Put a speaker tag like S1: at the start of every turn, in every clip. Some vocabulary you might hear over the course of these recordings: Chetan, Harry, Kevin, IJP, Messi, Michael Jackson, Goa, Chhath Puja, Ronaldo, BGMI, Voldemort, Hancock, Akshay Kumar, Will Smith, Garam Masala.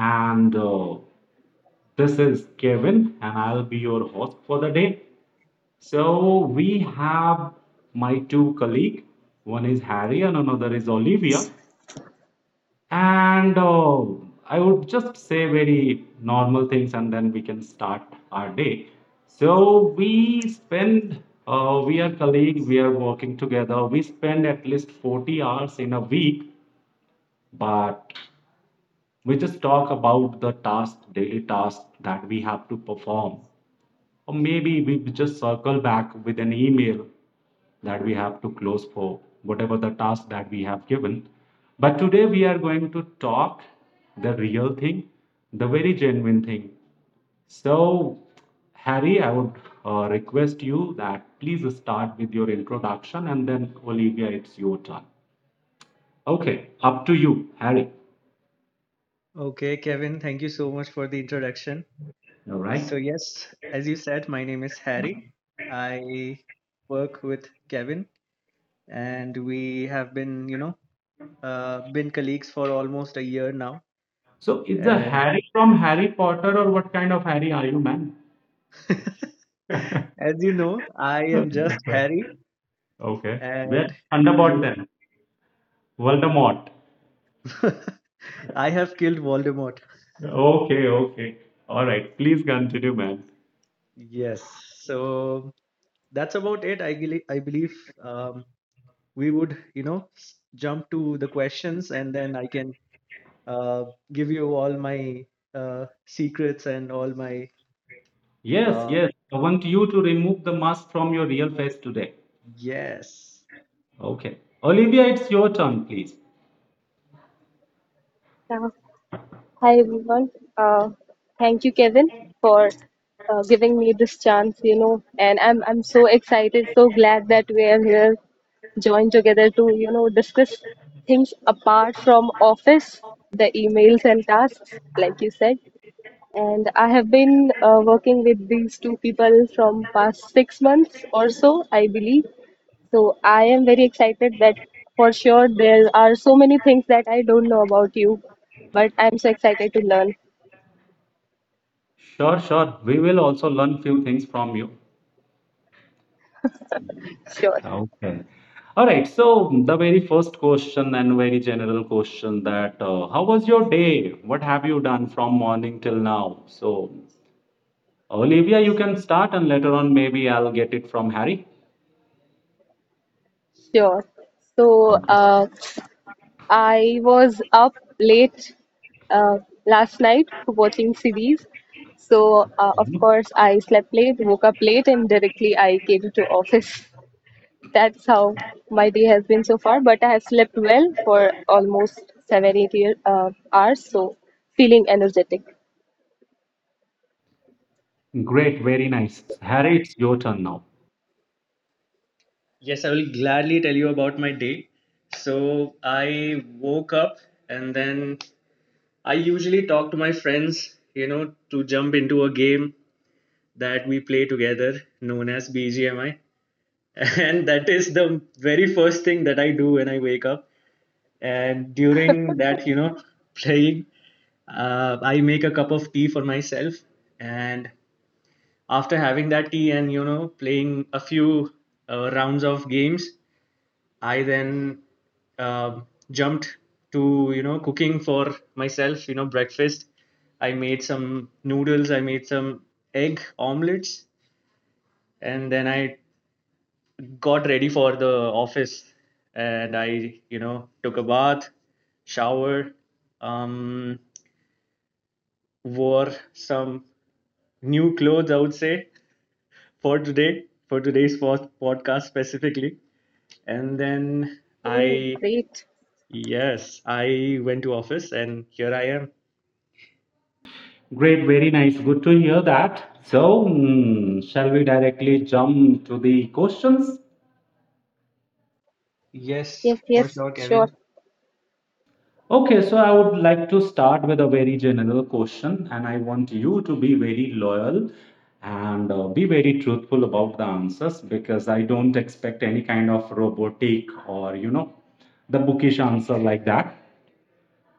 S1: And This is Kevin, and I'll be your host for the day. So, we have my two colleague. One is Harry, and another is Olivia. And I would just say very normal things, and then we can start our day. So we are colleague, we are working together. We spend at least 40 hours in a week, but we just talk about the task daily task that we have to perform, or maybe we just circle back with an email that we have to close for whatever the task that we have given. But today we are going to talk the real thing, the very genuine thing. So, Harry, I would request you that please start with your introduction, and then, Olivia, it's your turn. Okay, up to you, Harry.
S2: Okay, Kevin, thank you so much for the introduction.
S1: All
S2: So,
S1: right.
S2: yes, as you said, my name is Harry. I work with Kevin, and we have been colleagues for almost a year now.
S1: So it's a
S2: And
S1: Harry from Harry Potter, or what kind of Harry are you, man?
S2: as you know, I am just Harry,
S1: Okay. Where
S2: and
S1: Thunderbolt
S2: you,
S1: then? Voldemort.
S2: I have killed Voldemort.
S1: Okay, okay. All right. Please continue, man.
S2: Yes, so that's about it. I believe um, we would, jump to the questions, and then I can uh, give you all my secrets and all my
S1: Yes,
S2: uh,
S1: yes. I want you to remove the mask from your real face today.
S2: yes.
S1: Okay. Olivia, it's your turn, please.
S3: Uh, Hi, everyone. Uh, thank you, Kevin, for giving me this chance, and I'm so excited, so glad that we are here joined together to, you know, discuss things apart from office, the emails and tasks, like you said. And I have been working with these two people from past 6 months or so, I believe. So I am very excited that for sure there are so many things that I don't know about you, but I'm so excited to learn.
S1: Sure, sure. We will also learn few things from you.
S3: Sure,
S1: Okay. All right. So the very first question and very general question that how was your day? What have you done from morning till now? So, Olivia, you can start, and later on maybe I'll get it from Harry.
S3: sure. So
S1: Okay.
S3: I was up late uh, last night watching series. So of
S1: Mhm.
S3: course I slept late, woke up late, and directly I came to office. That's how my day has been so far. But I have slept well for almost hours, so feeling energetic.
S1: Great. Very nice. Harry, it's your turn now.
S2: Yes, I will gladly tell you about my day. So I woke up, and then I usually talk to my friends, you know, to jump into a game that we play together known as BGMI. And that is the very first thing that I do when I wake up. And during that, playing, I make a cup of tea for myself. And after having that tea and playing a few rounds of games, I then uh, jumped to cooking for myself. You know, breakfast. I made some noodles, I made some egg omelets, and then I got ready for the office. And I took a bath, shower, um, wore some new clothes, I would say, for today, for podcast specifically. And then
S3: Oh,
S2: I,
S3: great.
S2: yes, I went to office, and here I am.
S1: Great. Very nice. Good to hear that. So shall we directly jump to the questions?
S2: Yes,
S3: Yes,
S2: for
S3: yes,
S2: sure,
S3: sure,
S2: Kevin.
S1: Okay, so I would like to start with a very general question, and I want you to be very loyal and be very truthful about the answers, because I don't expect any kind of robotic or, the bookish answer like that.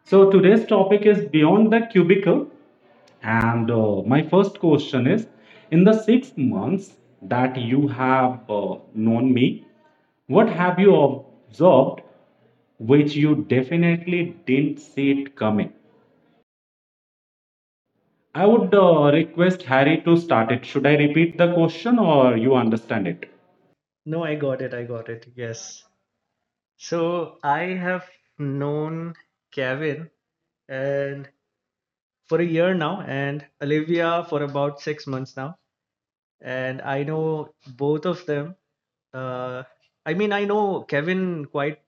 S1: So today's topic is beyond the cubicle, and my first question is, in the 6 months that you have known me, what have you observed which you definitely didn't see it coming. I would request Harry to start it. Should I repeat the question, or you understand it?
S2: No, I got it. I got it. Yes. So I have known Kevin and for a year now and Olivia for about 6 months now. And I know both of them. Uh, I mean, I know Kevin quite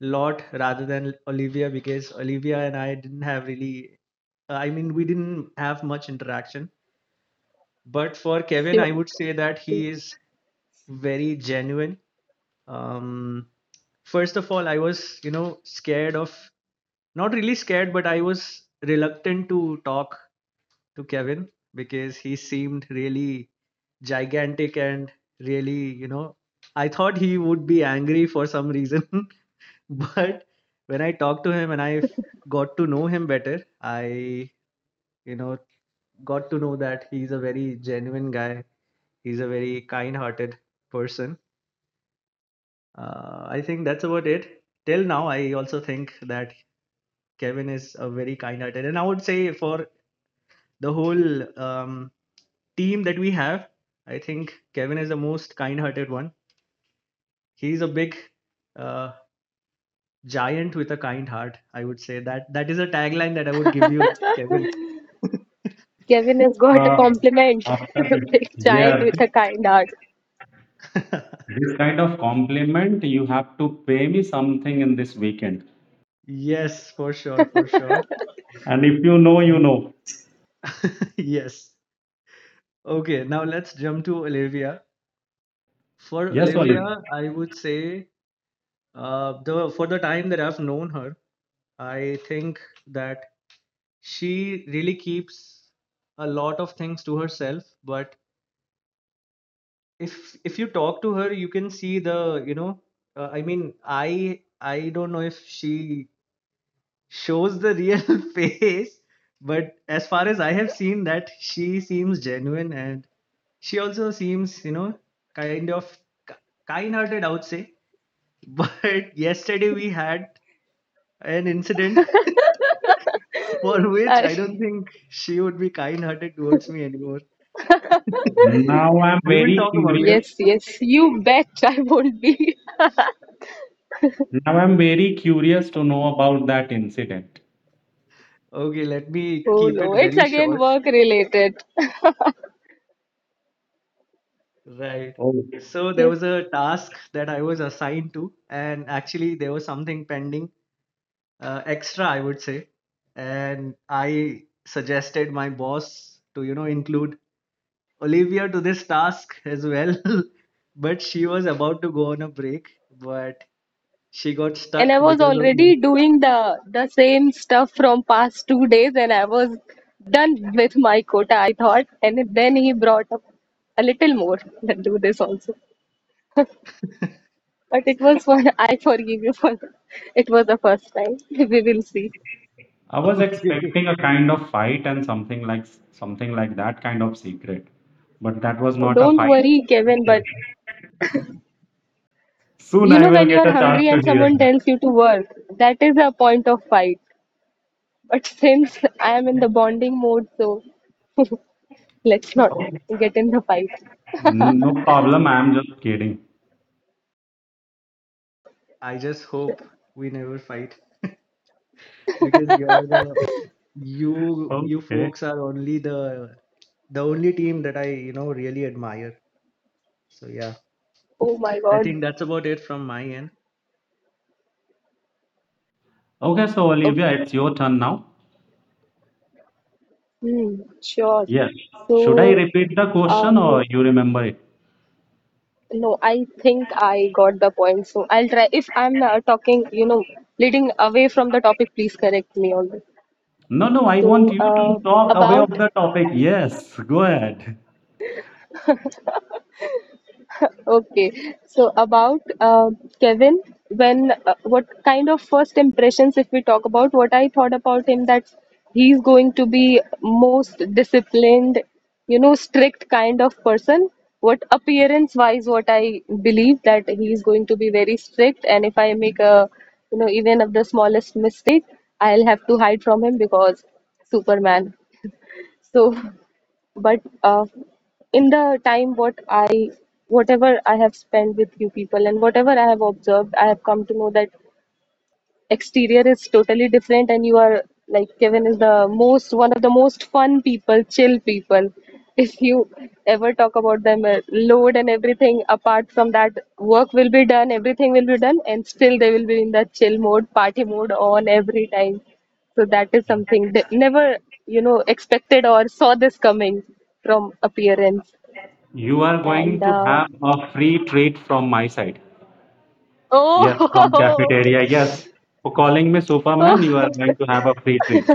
S2: lot rather than Olivia, because Olivia and I didn't have really, I mean, we didn't have much interaction. But for Kevin,
S3: sure.
S2: I would say that he is very genuine. Um, First of all, I was, you know, scared of, not really scared, but I was reluctant to talk to Kevin because he seemed really gigantic and really, you know, I thought he would be angry for some reason. But when I talked to him and got to know him better, I you know got to know that he's a very genuine guy, he's a very kind hearted person. I think that's about it till now. I also think that Kevin is a very kind hearted, and I would say for the whole um, team that we have, I think Kevin is the most kind hearted one. He's a big uh, giant with a kind heart. I would say that that is a tagline that I would give you, Kevin.
S3: Kevin has got a
S1: Uh,
S3: compliment.
S1: After this,
S3: Big giant
S1: yeah,
S3: with
S1: this,
S3: a kind heart.
S1: This kind of compliment, you have to pay me something in this weekend.
S2: Yes, for sure, for sure.
S1: And if you know, you know.
S2: Yes. Okay, now let's jump to Olivia. For
S1: Yes, Olive.
S2: Olivia, I would say the for the time that I've known her, I think that she really keeps a lot of things to herself. But if you talk to her, you can see the you know, I mean, I don't know if she shows the real face, but as far as I have seen that, she seems genuine and she also seems you know kind of k- kind-hearted, I would say. But yesterday we had an incident for which
S3: Uh,
S2: I don't think she would be kind-hearted towards me anymore.
S1: Now I'm
S2: We will
S1: very
S2: talk about it.
S1: curious.
S3: yes, yes, you bet I won't be.
S1: Now I'm very curious to know about that incident.
S2: Okay, let me
S3: Oh
S2: keep it
S3: no, it's
S2: very
S3: again
S2: short,
S3: work related.
S2: right?
S1: Oh.
S2: So there
S3: Yes.
S2: was a task that I was assigned to, and actually there was something pending extra, I would say, and I suggested my boss to you know include Olivia to this task as well, but she was about to go on a break, but she got
S3: And
S2: stuck
S3: I was
S2: because of me.
S3: already doing the same stuff from past 2 days and I was done with my quota, I thought. And then he brought up a little more. Let's do this also. But it was fun. I forgive you for that. It was the first time. We will see.
S1: I was
S2: Okay.
S1: expecting a kind of fight and something like that kind of secret, but that was
S3: Oh,
S1: not a
S3: don't
S1: fight.
S3: worry, Kevin. But
S1: Soon
S3: you know,
S1: I will
S3: when you
S1: get
S3: are
S1: a chance
S3: hungry
S1: to
S3: and
S1: hear
S3: someone
S1: that.
S3: tells you to work, that is a point of fight. But since I am in the bonding mode, so let's not
S1: Oh,
S3: get in the fight.
S1: no problem.
S2: Yes.
S1: I am just kidding.
S2: I just hope we never fight, because you're the you you
S1: Okay.
S2: folks are only the only team that I you know really admire. So yeah,
S3: Oh my
S2: I
S3: God.
S2: think that's about it from my end.
S1: Okay, so Olivia,
S3: Okay.
S1: it's your turn now.
S3: Hmm, sure.
S1: Yes. Should I
S3: So,
S1: repeat the question,
S3: um,
S1: or you remember it?
S3: no, I think I got the point. So I'll try. If I'm talking, you know, leading away from the topic, please correct me on this.
S1: No, no, I want
S3: So
S1: you to talk away of
S3: about
S1: the topic. Yes, go ahead.
S3: okay, so about Kevin, when what kind of first impressions, if we talk about what I thought about him, that he's going to be most disciplined, you know, strict kind of person. What appearance wise, what I believe that he's going to be very strict, and if I make a, you know, even of the smallest mistake, I'll have to hide from him because Superman. So but in the time what I whatever I have spent with you people and whatever I have observed, I have come to know that exterior is totally different and you are like Kevin is the most one of the most fun people, chill people. If you ever talk about them, load and everything apart from that, work will be done, everything will be done, and still they will be in that chill mode, party mode on every time. So that is something that never, you know, expected or saw this coming from appearance.
S1: You are going
S3: And
S1: to have a free treat from my side. Yes, from cafeteria. Yes, for calling me Superman, you
S3: oh,
S1: are going to have a free treat.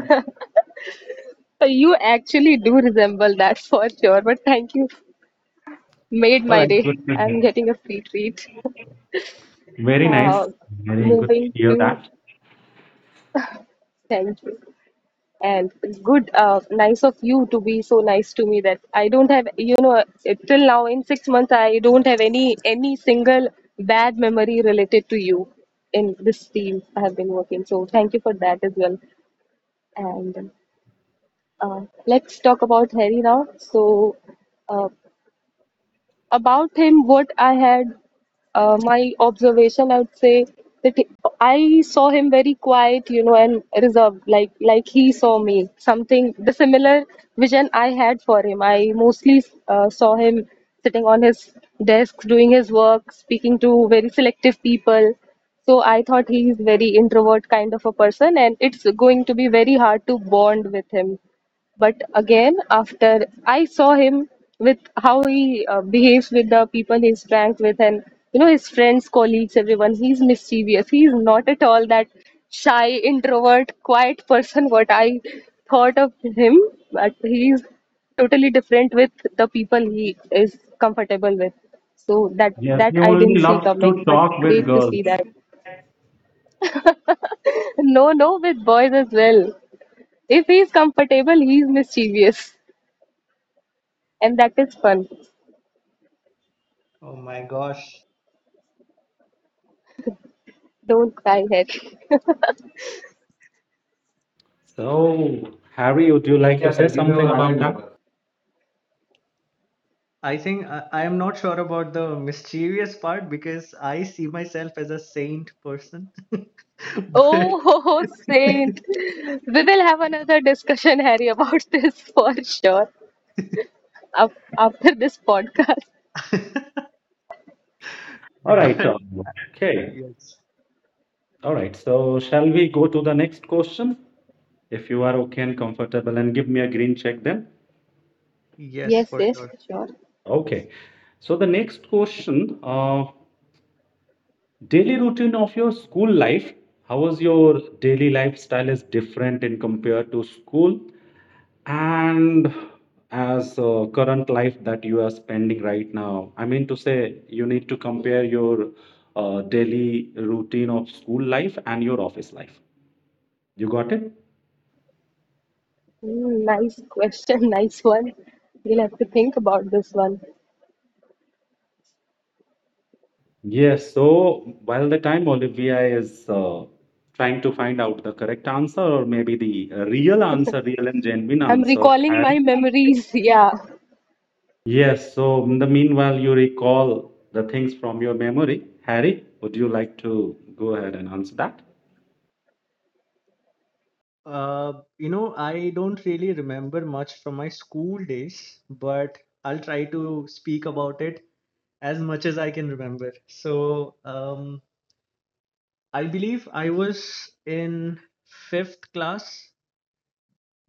S3: so you actually do resemble that for sure, but thank you. Made
S1: All
S3: my
S1: right,
S3: day.
S1: good to
S3: I'm
S1: hear.
S3: getting a free treat.
S1: Very nice.
S3: Uh,
S1: Very good to
S3: moving
S1: hear
S3: to
S1: that.
S3: thank you. And good, nice of you to be so nice to me that I don't have, you know, till now in 6 months, I don't have any single bad memory related to you in this team I have been working. So thank you for that as well. And uh, let's talk about Harry now. So uh, about him, what I had my observation, I would say that I saw him very quiet, you know, and reserved, like he saw me something the similar vision I had for him. I mostly saw him sitting on his desk doing his work, speaking to very selective people. So I thought he is very introvert kind of a person and it's going to be very hard to bond with him. But again, after I saw him with how he behaves with the people he's pranked with, and you know his friends, colleagues, everyone, he's mischievous. He's not at all that shy, introvert, quiet person what I thought of him. But he's totally different with the people he is comfortable with. So that
S1: Yes,
S3: that
S1: he
S3: I
S1: only
S3: didn't see
S1: loves to
S3: coming, but
S1: talk with
S3: great to
S1: girls.
S3: see that. No, no, with boys as well. If he's comfortable, he's mischievous, and that is fun.
S2: Oh my gosh.
S3: Don't cry, Harry.
S1: So, Harry, would you like to say something about that?
S2: I am not sure about the mischievous part because I see myself as a saint person, but
S3: Oh, Saint. We will have another discussion, Harry, about this for sure. Af after this podcast.
S1: All right.
S2: but
S1: Okay.
S2: yes,
S1: All right. So, shall we go to the next question? If you are okay and comfortable, and give me a green check then.
S2: yes,
S3: Yes,
S2: for
S3: yes,
S2: sure.
S3: sure.
S1: Okay. So the next question, daily routine of your school life. How was your daily lifestyle is different in compared to school, and as current life that you are spending right now? I mean to say, you need to compare your daily routine of school life and your office life. You got it?
S3: Hmm, nice question, nice one. We'll have to think about this one.
S1: Yes. So while the time Olivia is trying to find out the correct answer, or maybe the real and genuine
S3: I'm
S1: answer.
S3: recalling my memories. Yeah,
S1: Yes, so in the meanwhile, you recall the things from your memory. Harry, would you like to go ahead and answer that?
S2: You know, I don't really remember much from my school days, but I'll try to speak about it as much as I can remember. So, I believe I was in fifth class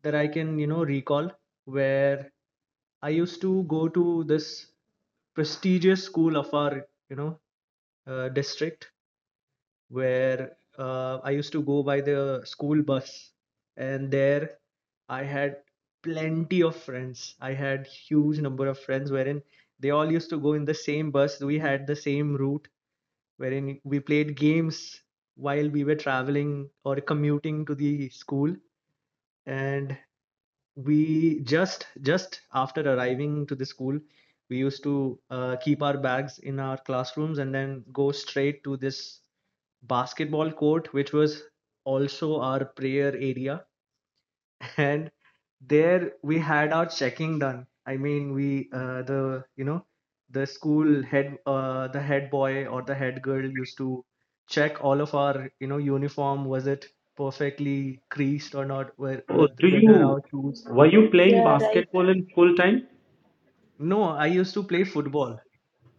S2: that I can, you know, recall, where I used to go to this prestigious school of our, you know, district, where I used to go by the school bus, and there I had plenty of friends. I had huge number of friends, wherein they all used to go in the same bus. We had the same route, wherein we played games while we were traveling or commuting to the school, and we just after arriving to the school, we used to keep our bags in our classrooms and then go straight to this basketball court, which was also our prayer area. And there we had our checking done. I mean, we the you know the school head the head boy or the head girl used to check all of our you know uniform, was it perfectly creased or not,
S1: Oh, do
S2: whether
S1: you
S2: our shoes,
S1: were you playing
S3: yeah, right.
S1: basketball in full time?
S2: no, I used to play football.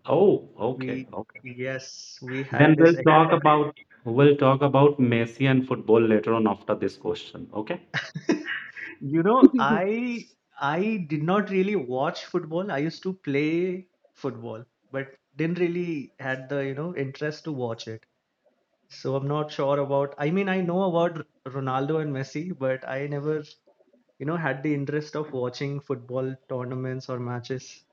S1: Oh, okay,
S2: We,
S1: okay.
S2: yes, we had
S1: Then
S2: this extra,
S1: we'll talk about Messi and football later on after this question. Okay?
S2: you know, I did not really watch football. I used to play football, but didn't really had the, you know, interest to watch it. So I'm not sure about, I mean, I know about Ronaldo and Messi, but I never, you know, had the interest of watching football tournaments or matches.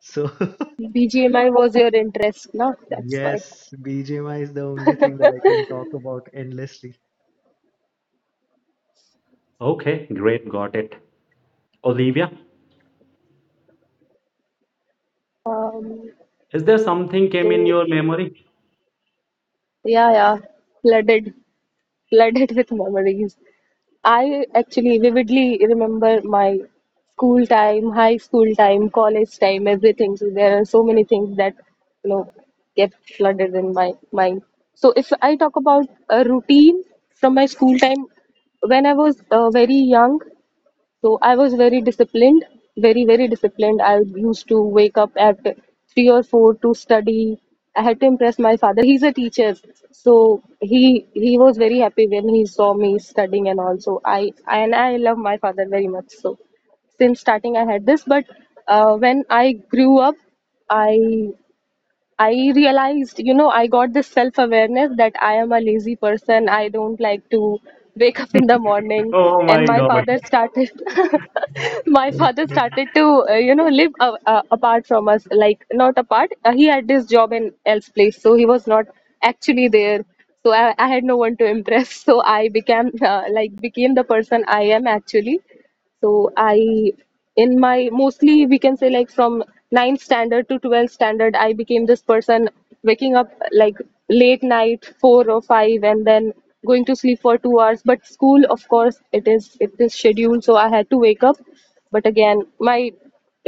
S2: So
S3: BGMI was your interest, no? That's why.
S2: yes, BGMI is the only thing that I can talk about endlessly.
S1: Okay, great, got it. Olivia,
S3: Um,
S1: is there something came in
S3: so
S1: your memory?
S3: yeah, flooded, flooded with memories. I actually vividly remember my school time, high school time, college time, everything. So there are so many things that you know get flooded in my mind. So if I talk about a routine from my school time, when I was very young, so I was very disciplined, very, very disciplined. I used to wake up at 3 or 4 to study. I had to impress my father. He's a teacher, so he was very happy when he saw me studying and all. So I and I love my father very much. So since starting, I had this. But when I grew up, I I realized, you know, I got this self awareness that I am a lazy person. I don't like to wake up in the morning.
S1: Oh
S3: And
S1: my
S3: my
S1: God.
S3: father started, my father started to, you know, live apart from us. Like, not apart. He had this job in else place. So he was not actually there. So I had no one to impress. So I became, became the person I am actually. So I, in my mostly we can say like from ninth standard to 12th standard, I became this person waking up like late night, 4 or 5, and then going to sleep for 2 hours. But school, of course, it is scheduled, so I had to wake up. But again, my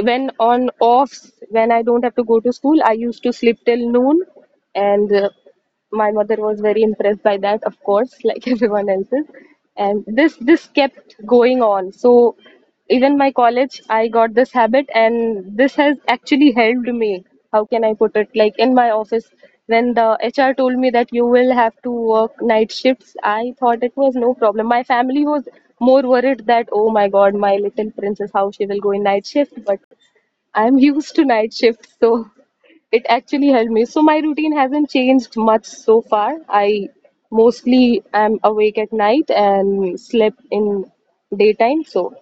S3: when on offs, when I don't have to go to school, I used to sleep till noon, and my mother was very impressed by that of course like everyone else's. And this kept going on, so even my college I got this habit. And this has actually helped me, how can I put it, like in my office when the HR told me that you will have to work night shifts, I thought it was no problem. My family was more worried that oh my god, my little princess, how she will go in night shift, but I'm used to night shift, so it actually helped me. So my routine hasn't changed much so far. I mostly am awake at night and slept in daytime, so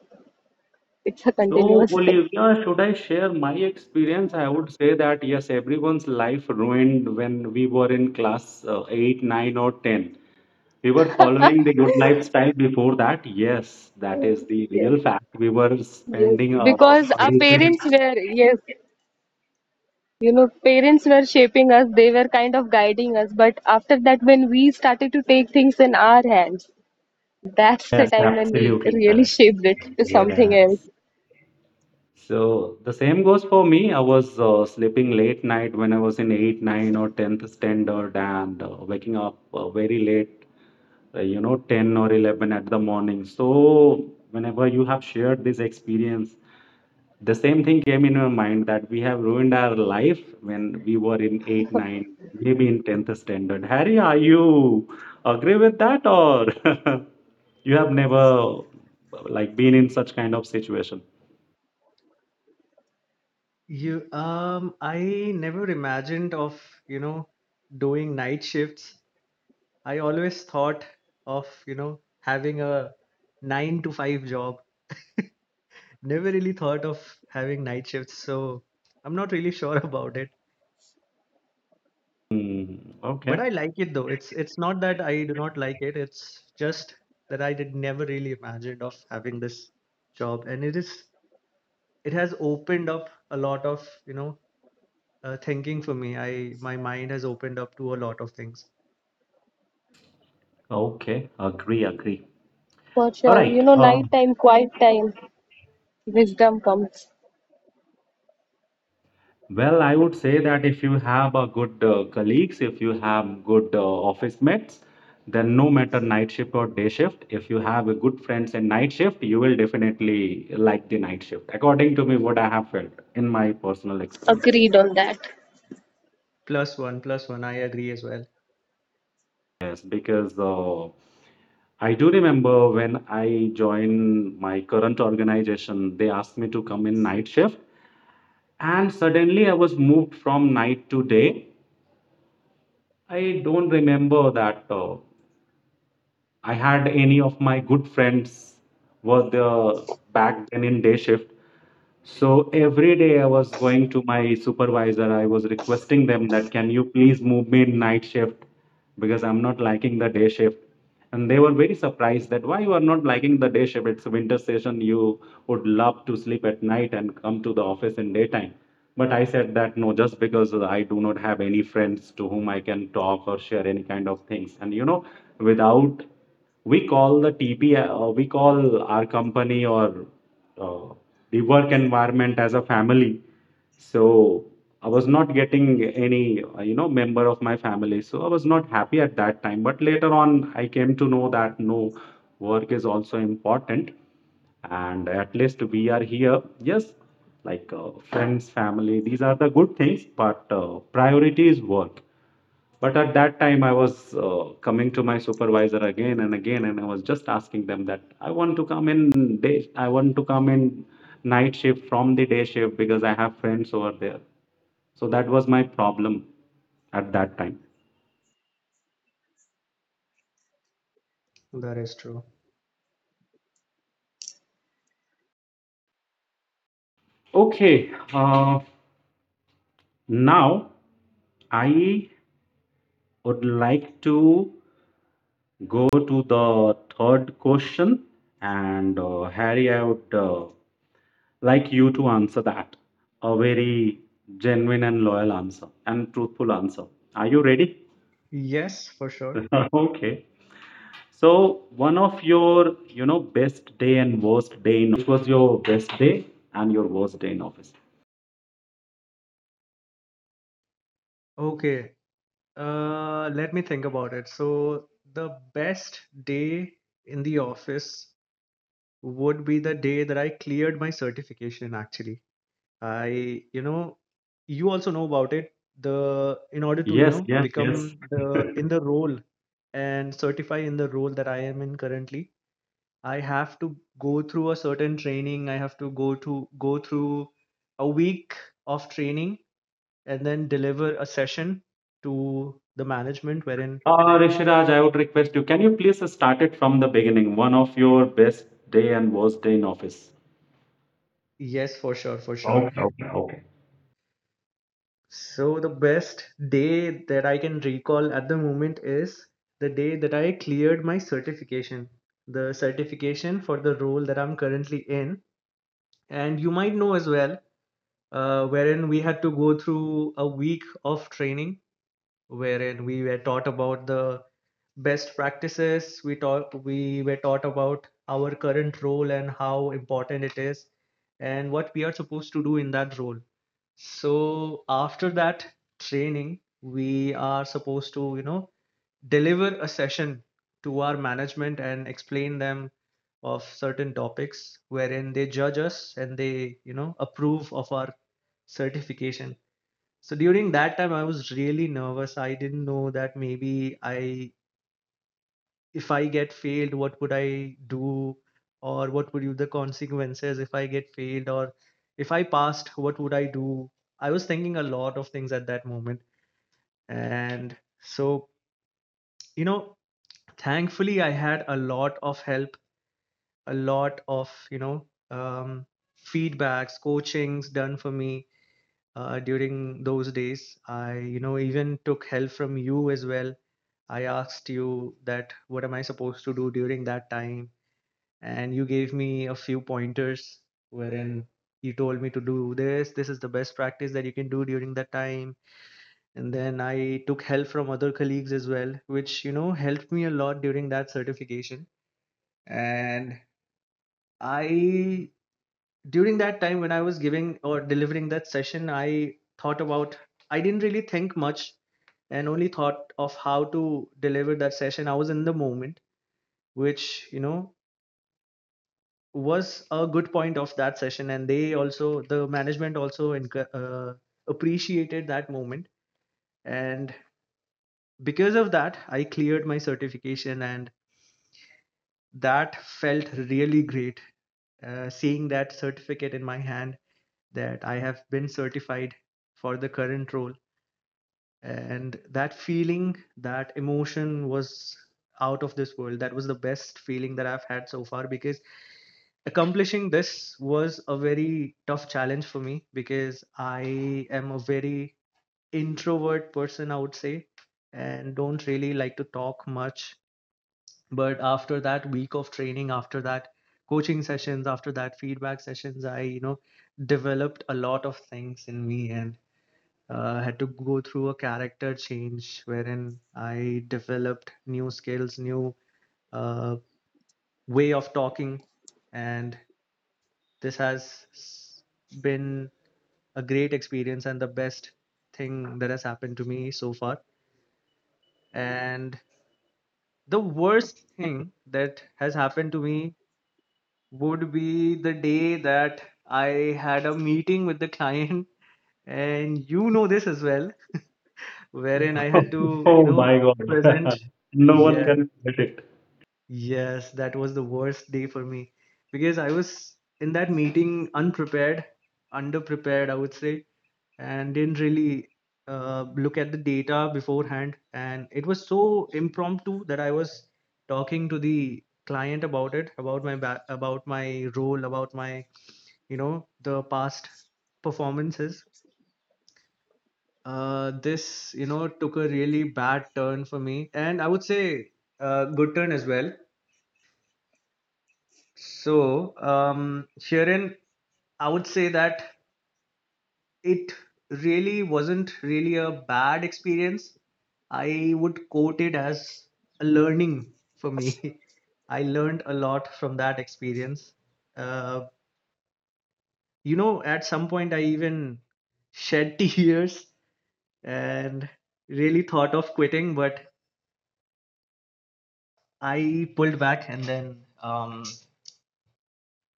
S3: it's a
S1: So,
S3: continuous thing.
S1: Olivia, should I share my experience? I would say that yes, everyone's life ruined when we were in class 8, 9, or 10. We were following the good lifestyle before that. Yes, that is the
S3: Yes,
S1: real fact. We were
S3: yes.
S1: spending a
S3: Because our
S1: weekend.
S3: parents were, yes, you know, parents were shaping us, they were kind of guiding us. But after that, when we started to take things in our hands, that's the
S1: Yes,
S3: time when we
S1: absolutely
S3: really
S1: correct.
S3: shaped it to something else.
S1: Yes. So the same goes for me. I was sleeping late night when I was in 8, 9, or 10th standard, and waking up very late 10 or 11 at the morning. So whenever you have shared this experience, the same thing came in your mind that we have ruined our life when we were in 8 9, maybe in 10th standard. Harry, are you agree with that, or you have never like been in such kind of situation?
S2: I never imagined of, you know, doing night shifts. I always thought of, you know, having a 9 to 5 job. Never really thought of having night shifts, so I'm not really sure about it.
S1: Hmm,
S2: But
S1: okay,
S2: I like it though. It's not that I do not like it. It's just that I did never really imagined of having this job, and it has opened up a lot of, you know, thinking for me. I My mind has opened up to a lot of things.
S1: okay, agree, agree.
S3: For
S1: All
S3: sure, you
S1: right.
S3: know, nighttime, quiet time, wisdom comes.
S1: Well, I would say that if you have a good colleagues, if you have good office mates, then no matter night shift or day shift, if you have a good friends in night shift, you will definitely like the night shift. According to me, what I have felt in my personal experience.
S3: Agreed on that.
S2: Plus one, plus one. I agree as well.
S1: Yes, because I do remember when I joined my current organization, they asked me to come in night shift, and suddenly I was moved from night to day. I don't remember that. I had any of my good friends were the back then in day shift. So every day I was going to my supervisor, I was requesting them that can you please move me in night shift because I'm not liking the day shift. And they were very surprised that why you are not liking the day shift. It's a winter session, you would love to sleep at night and come to the office in daytime. But I said that no, just because I do not have any friends to whom I can talk or share any kind of things. And you know, without we call the TP, uh, we call our company or uh, the work environment as a family. So I was not getting any, member of my family. So I was not happy at that time. But later on, I came to know that no, work is also important, and at least we are here. Yes, like friends, family, these are the good things, but priority is work. But at that time, I was coming to my supervisor again and again, and I was just asking them that I want to come in night shift from the day shift because I have friends over there. So that was my problem at that time.
S2: That is true.
S1: Okay. Now I would like to go to the third question, and Harry, I would like you to answer that. A very genuine and loyal answer and truthful answer. Are you ready?
S2: Yes, for sure.
S1: Okay. So, one of your, best day and worst day in office. Which was your best day and your worst day in office?
S2: Okay. Let me think about it. So, the best day in the office would be the day that I cleared my certification, actually. I, you know, you also know about it. In order to, you
S1: Yes,
S2: know,
S1: yes, yes.
S2: become the, in the role and certify in the role that I am in currently, I have to go through a certain training. I have to go through a week of training and then deliver a session to the management, wherein
S1: Rishiraj, I would request you, can you please start it from the beginning? One of your best day and worst day in office.
S2: yes, for sure, for sure.
S1: Okay, okay, okay.
S2: So the best day that I can recall at the moment is the day that I cleared my certification, the certification for the role that I'm currently in. And you might know as well, wherein we had to go through a week of training, wherein we were taught about the best practices, we were taught about our current role and how important it is and what we are supposed to do in that role. So after that training, we are supposed to you know deliver a session to our management and explain them of certain topics, wherein they judge us and they you know approve of our certification. So during that time I was really nervous. I didn't know that maybe I if I get failed, what would I do? Or what would be the consequences if I get failed? Or if I passed, what would I do? I was thinking a lot of things at that moment. And so, you know, thankfully, I had a lot of help, a lot of, you know, feedbacks, coachings done for me during those days. I, you know, even took help from you as well. I asked you that what am I supposed to do during that time? And you gave me a few pointers wherein you told me to do this. This is the best practice that you can do during that time. And then I took help from other colleagues as well, which helped me a lot during that certification. And I during that time when I was giving or delivering that session, I thought about I didn't really think much and only thought of how to deliver that session. I was in the moment, which was a good point of that session. And the management also appreciated that moment. And because of that, I cleared my certification, and that felt really great, seeing that certificate in my hand, that I have been certified for the current role. And that feeling, that emotion, was out of this world. That was the best feeling that I've had so far, because accomplishing this was a very tough challenge for me, because I am a very introvert person, I would say, and don't really like to talk much. But after that week of training, after that coaching sessions, after that feedback sessions, I developed a lot of things in me, and had to go through a character change wherein I developed new skills, new uh, way of talking, and this has been a great experience and the best thing that has happened to me so far. And the worst thing that has happened to me would be the day that I had a meeting with the client, and you know this as well, wherein I had to,
S1: Oh my God.
S2: present.
S1: No one
S2: Yes,
S1: can forget it.
S2: yes, that was the worst day for me, because I was in that meeting unprepared, underprepared, I would say, and didn't really look at the data beforehand. And it was so impromptu that I was talking to the client about it, about my role, about my, the past performances. This, took a really bad turn for me, and I would say, good turn as well. So, Sharon, I would say that it really wasn't really a bad experience. I would quote it as a learning for me. I learned a lot from that experience. Uh, at some point, I even shed tears and really thought of quitting, but I pulled back. And then um,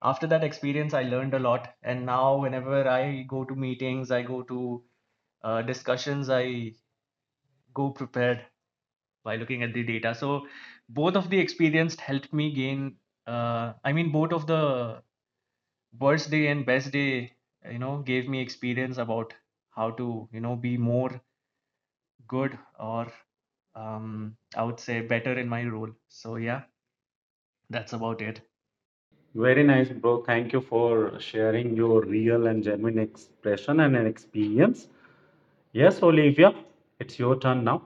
S2: after that experience, I learned a lot. And now, whenever I go to meetings, I go to discussions, I go prepared by looking at the data. So both of the experience helped me gain. I mean, both of the worst day and best day, gave me experience about how to, be more good, or I would say, better in my role. So yeah, that's about it.
S1: Very nice, bro. Thank you for sharing your real and genuine expression and an experience. Yes, Olivia, it's your turn now.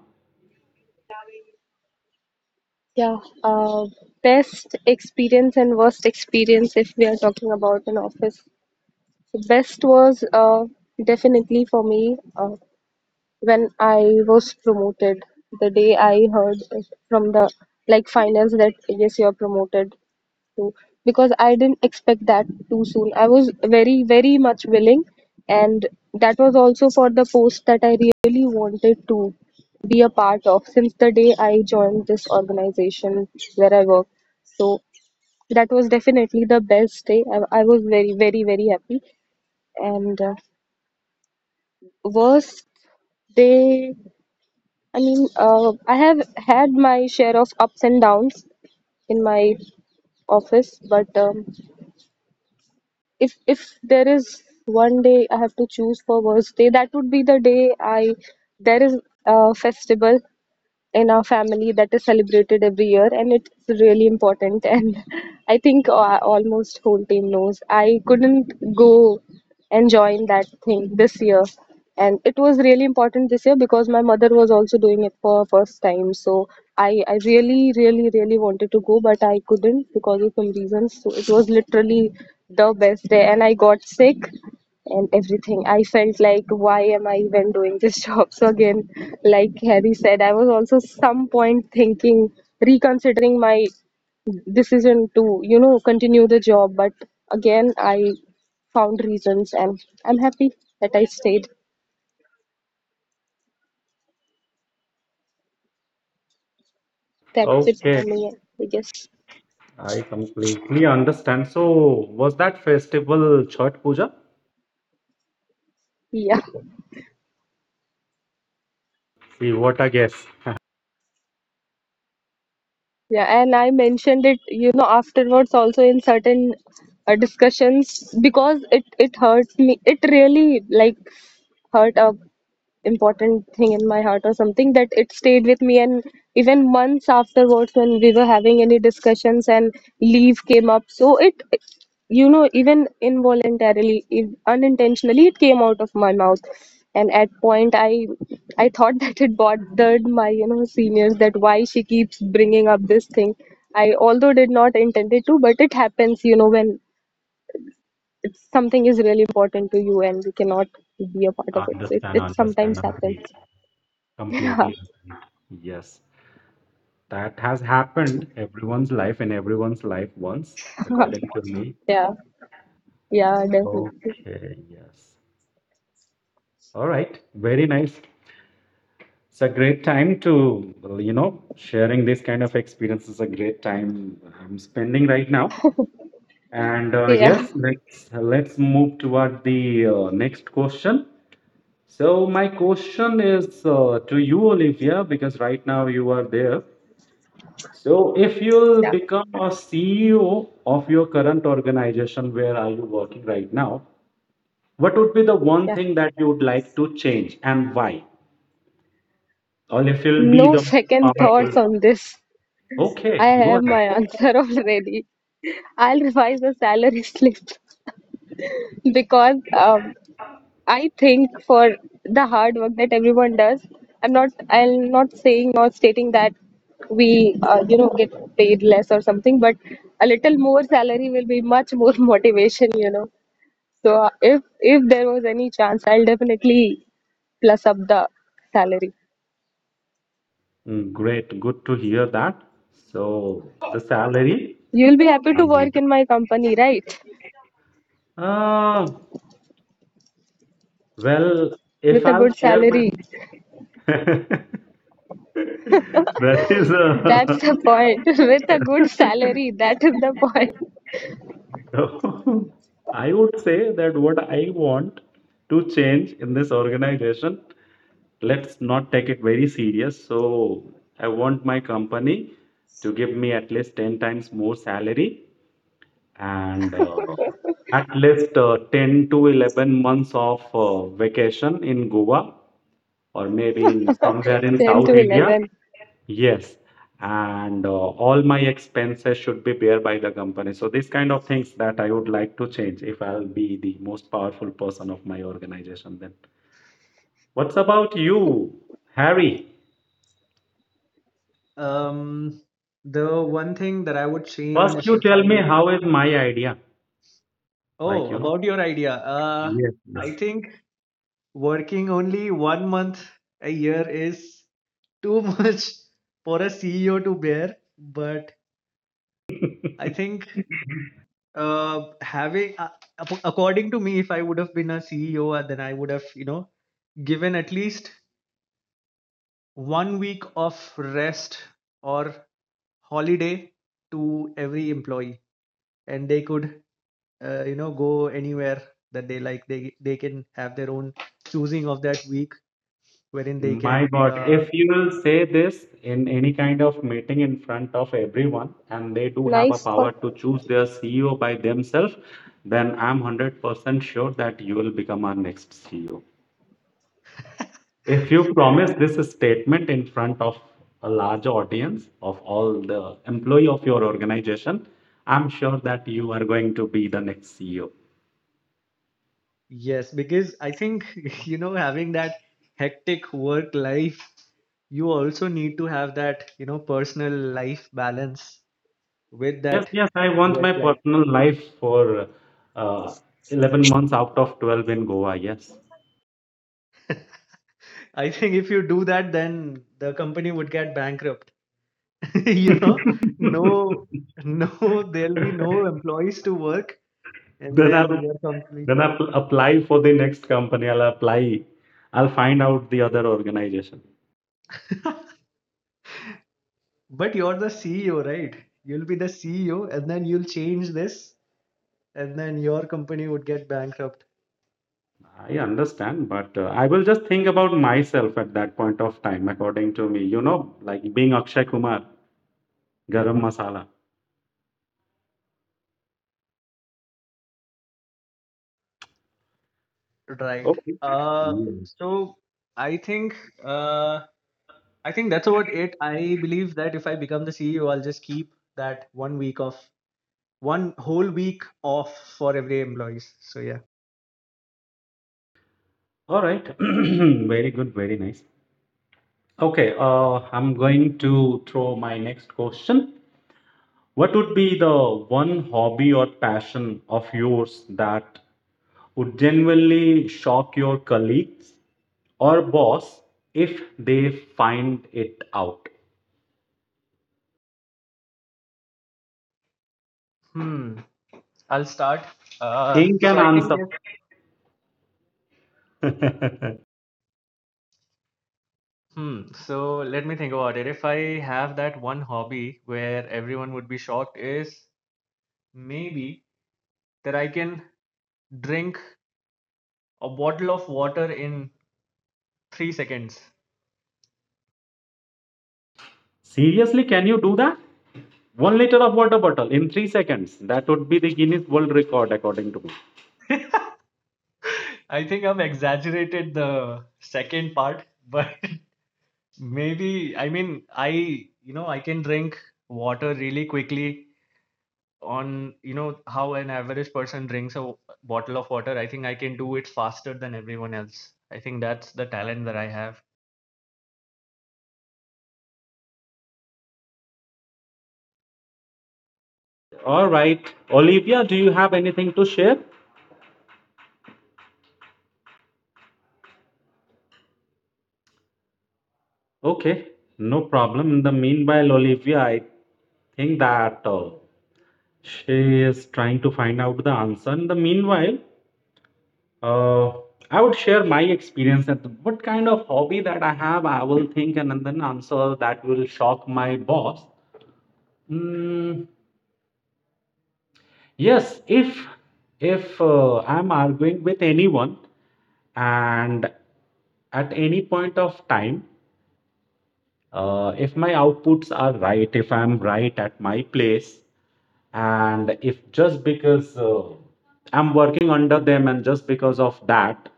S3: Yeah, uh, best experience and worst experience if we are talking about an office. The best was definitely for me when I was promoted. The day I heard from the like finance that yes, you are promoted, to because I didn't expect that too soon. I was very, very much willing, and that was also for the post that I really wanted to be a part of since the day I joined this organization where I work. So that was definitely the best day. I was very, very, very happy. And worst day, I mean, I have had my share of ups and downs in my office, but if there is one day I have to choose for worst day, that would be the day I. There is a festival in our family that is celebrated every year and it's really important. And I think almost whole team knows I couldn't go and join that thing this year. And it was really important this year because my mother was also doing it for first time. So I really, really, really wanted to go, but I couldn't because of some reasons. So it was literally the best day, and I got sick and everything. I felt like, why am I even doing this job? So again, like Harry said, I was also some point thinking, reconsidering my decision to, you know, continue the job. But again, I found reasons, and I'm happy that I stayed. That's it for
S1: Okay.
S3: me, I guess.
S1: I completely understand. So, was that festival Chhath Puja?
S3: Yeah,
S1: See, what a guess.
S3: yeah, and I mentioned it, you know, afterwards also in certain discussions because it hurt me. It really like hurt a. Important thing in my heart or something that it stayed with me. And even months afterwards when we were having any discussions and leave came up, so it even involuntarily, if unintentionally, it came out of my mouth. And at point I thought that it bothered my, you know, seniors, that why she keeps bringing up this thing. I although did not intend it to, but it happens, you know, when something is really important to you and you cannot be a part of it, so it,
S1: Understand,
S3: it
S1: understand,
S3: sometimes happens.
S1: agree.
S3: Yeah,
S1: Completely. Yes. That has happened everyone's life in everyone's life once, according to me.
S3: yeah, yeah, definitely.
S1: Okay, yes. All right. Very nice. It's a great time well, sharing this kind of experience is a great time I'm spending right now. And
S3: Yeah,
S1: Yes, let's move toward the next question. So my question is to you, Olivia, because right now you are there. So, if you'll
S3: yeah,
S1: become a CEO of your current organization, where are you working right now? What would be the one
S3: yeah.
S1: thing that you would like to change and why? Or if you'll be
S3: No
S1: the
S3: second thoughts
S1: powerful.
S3: on this.
S1: Okay,
S3: I
S1: go
S3: have
S1: ahead.
S3: my answer already. I'll revise the salary slip because I think for the hard work that everyone does, I'm not saying or stating that we, you know, get paid less or something, but a little more salary will be much more motivation, you know. So if there was any chance, I'll definitely plus up the salary.
S1: Great, good to hear that. So, the salary.
S3: You'll be happy to work in my company, right?
S1: Uh, well, if
S3: With a
S1: I'll
S3: good
S1: share my.
S3: salary.
S1: That is
S3: That's
S1: a
S3: the point. With a good salary, that is the point.
S1: So, I would say that what I want to change in this organization, let's not take it very serious. So I want my company to give me at least 10 times more salary, and at least 10 to 11 months of vacation in Goa or maybe in somewhere in
S3: 10 to
S1: South India.
S3: 11.
S1: Yes, and all my expenses should be bear by the company. So these kind of things that I would like to change if I'll be the most powerful person of my organization then. What's about you, Harry?
S2: Um, the one thing that I would
S1: First
S2: change,
S1: you
S2: if
S1: tell me
S2: I,
S1: how is my idea?
S2: oh,
S1: Like, you know.
S2: about your idea, I
S1: Yes.
S2: think working only one month a year is too much for a CEO to bear. But
S1: Yes.
S2: I think, having, according to me, if I would have been a CEO, then I would have, given at least one week of rest or holiday to every employee, and they could, go anywhere that they like. They can have their own choosing of that week, wherein they
S1: My
S2: can.
S1: God,
S2: uh,
S1: if you will say this in any kind of meeting in front of everyone and they do have a
S3: Nice thought.
S1: power to choose their CEO by themselves, then I'm 100% sure that you will become our next CEO. If you promise this statement in front of a large audience of all the employee of your organization, I'm sure that you are going to be the next CEO.
S2: Yes, because I think, having that hectic work life, you also need to have that, personal life balance with
S1: Yes,
S2: that
S1: yes, I want
S2: work
S1: my
S2: life.
S1: personal life for uh, 11 months out of 12 in Goa. Yes.
S2: I think if you do that, then the company would get bankrupt. You know, no, no, there'll be no employees to work, and
S1: Then
S2: then
S1: I'll
S2: your company.
S1: then I'll apply for the next company. I'll apply. I'll find out the other organization.
S2: But you're the CEO, right? You'll be the CEO, and then you'll change this, and then your company would get bankrupt.
S1: I understand, but I will just think about myself at that point of time, according to me. You know, like being Akshay Kumar, Garam Masala.
S2: Right.
S1: Okay.
S2: Uh,
S1: Yeah.
S2: so I think uh, I think that's about it. I believe that if I become the CEO, I'll just keep that one week off, one whole week off for every employees. So yeah.
S1: All right. Very good. Very nice. Okay. I'm going to throw my next question. What would be the one hobby or passion of yours that would genuinely shock your colleagues or boss if they find it out?
S2: Hmm. I'll start.
S1: Think
S2: So
S1: and
S2: I think
S1: answer.
S2: if hmm. So let me think about it. If I have that one hobby where everyone would be shocked, is maybe that I can drink a bottle of water in 3 seconds.
S1: Seriously, can you do that? 1 liter of water bottle in 3 seconds. That would be the Guinness World Record, according to me.
S2: I think I've exaggerated the second part, but maybe, I mean, I you know I can drink water really quickly on, you know how an average person drinks a bottle of water. I think I can do it faster than everyone else. I think that's the talent that I have.
S1: All right. Olivia, do you have anything to share? Okay, no problem. In the meanwhile, Olivia, I think that she is trying to find out the answer. In the meanwhile, Uh, I would share my experience that what kind of hobby that I have, I will think and then answer that will shock my boss. Mm, yes, if I'm arguing with anyone and at any point of time if my outputs are right, if I'm right at my place, and if just because I'm working under them and just because of that,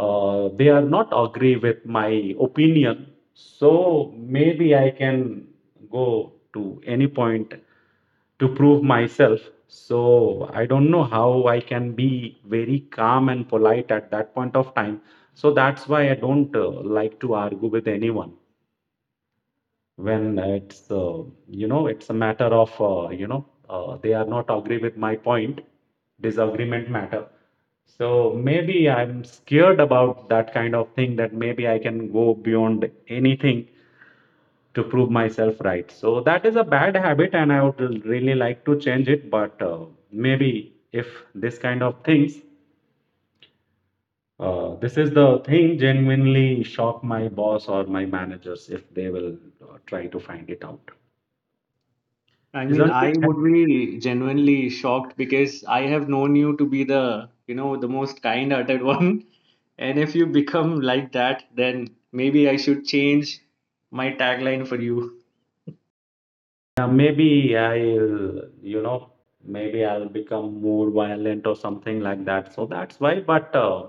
S1: they are not agree with my opinion, so maybe I can go to any point to prove myself. So I don't know how I can be very calm and polite at that point of time. So that's why I don't like to argue with anyone when it's it's a matter of they are not agree with my point, disagreement matter, so maybe I'm scared about that kind of thing that maybe I can go beyond anything to prove myself right. So that is a bad habit and I would really like to change it, but maybe if this kind of things this is the thing genuinely shock my boss or my managers if they will try to find it out,
S2: I mean,
S1: isn't it?
S2: I would be genuinely shocked, because I have known you to be the most kind-hearted one. And if you become like that, then maybe I should change my tagline for you.
S1: Yeah, maybe I'll, you know, maybe I'll become more violent or something like that. So that's why. But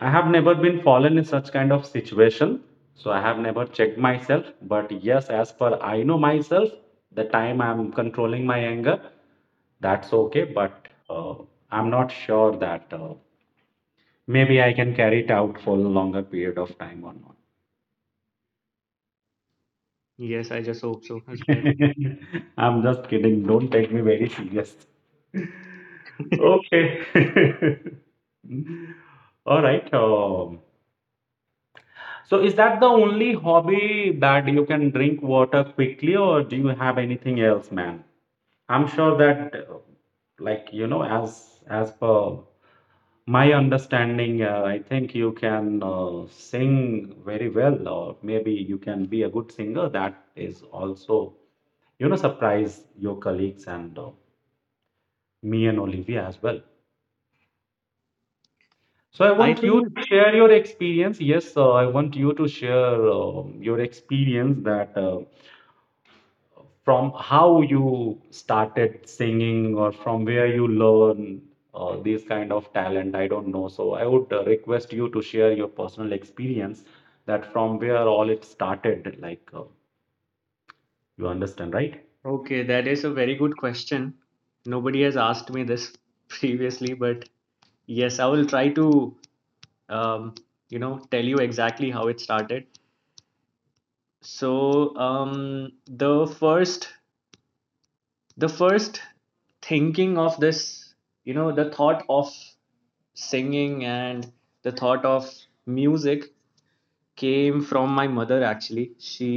S1: I have never been fallen in such kind of situation. So I have never checked myself. But yes, as per I know myself, the time I'm controlling my anger, that's okay. But uh, I'm not sure that maybe I can carry it out for a longer period of time or not.
S2: Yes, I just hope so as well.
S1: I'm just kidding. Don't take me very serious. Okay. All right. So is that the only hobby that you can drink water quickly, or do you have anything else, man? I'm sure that, like, you know, as per my understanding, I think you can sing very well, or maybe you can be a good singer. That is also, you know, surprise your colleagues and me and Olivia as well. So I
S2: I
S1: want you
S2: think,
S1: to share your experience. Yes, I want you to share your experience that from how you started singing or from where you learn these kind of talent. I don't know. So I would request you to share your personal experience that from where all it started. Like you understand, right?
S2: okay, that is a very good question. Nobody has asked me this previously, but yes, I will try to, um, tell you exactly how it started. So, the first thinking of this, the thought of singing and the thought of music, came from my mother, actually. She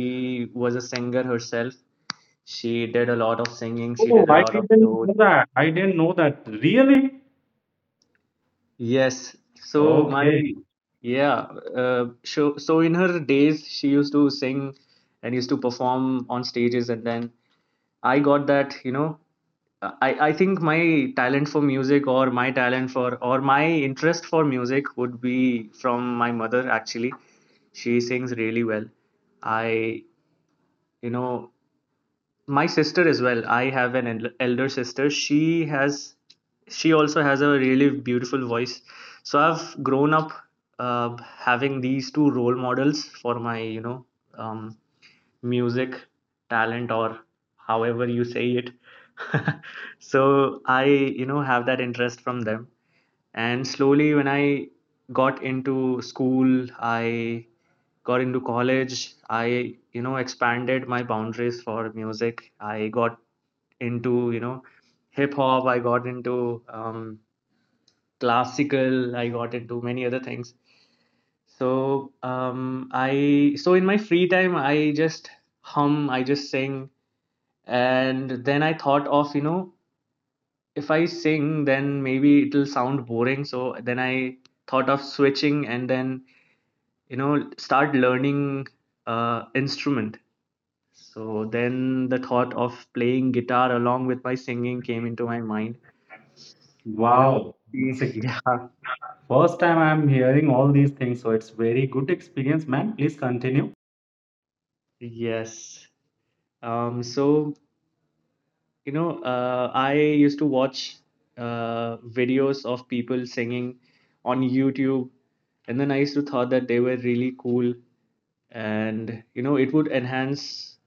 S2: was a singer herself. She did a lot of singing. She
S1: Oh,
S2: did a
S1: I
S2: lot of
S1: didn't
S2: shows.
S1: know that. I didn't know that. Really?
S2: Yes. so my
S1: Okay.
S2: Yeah. So in her days, she used to sing and used to perform on stages. And then I got that. I think my talent for music, or my interest for music, would be from my mother, actually. She sings really well. I you know my sister as well. I have an elder sister. She also has a really beautiful voice. So I've grown up, having these two role models for my um, music talent, or however you say it. So I have that interest from them, and slowly, when I got into school, I got into college, I expanded my boundaries for music. I got into, hip hop. I got into classical. I got into many other things. So in my free time, I just hum, I just sing. And then I thought of, if I sing, then maybe it'll sound boring. So then I thought of switching, and then, start learning instrument. So then the thought of playing guitar along with my singing came into my mind you know
S1: Wow, it's the
S2: yeah.
S1: first time I'm hearing all these things, so it's very good experience, man. Please continue.
S2: Yes. Um so you know uh i used to watch videos of people singing on YouTube, and then I used to thought that they were really cool, and it would enhance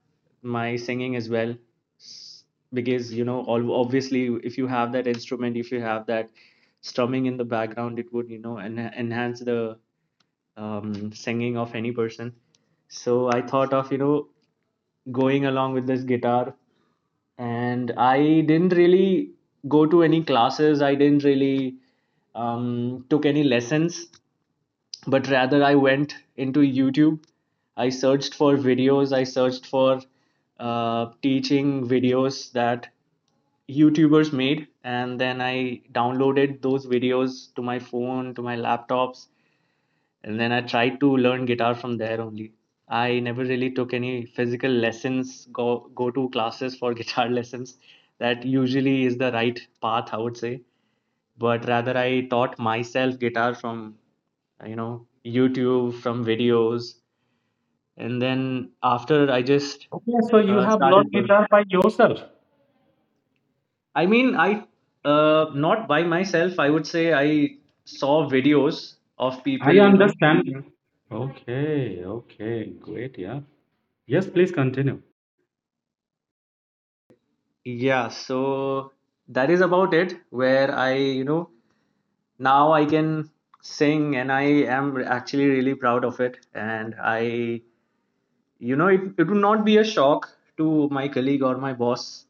S2: my singing as well. S- because, obviously, if you have that instrument, if you have that strumming in the background, it would enhance the singing of any person. So I thought of, going along with this guitar, and I didn't really go to any classes, I didn't really took any lessons, but rather I went into YouTube. I searched for videos, I searched for teaching videos that YouTubers made, and then I downloaded those videos to my phone, to my laptops, and then I tried to learn guitar from there only. I never really took any physical lessons, go to classes for guitar lessons. That usually is the right path, I would say. But rather, I taught myself guitar from YouTube, from videos, and then after I just
S1: Okay, so you have
S2: started
S1: learned
S2: playing.
S1: guitar by yourself.
S2: I mean, I, not by myself. I would say I saw videos of people,
S1: I
S2: you know.
S1: understand.
S2: Mhm.
S1: Okay, okay, great, yeah. Yes, please continue.
S2: Yeah, so that is about it. Where I, now I can sing, and I am actually really proud of it. And I, you know, it would not be a shock to my colleague or my boss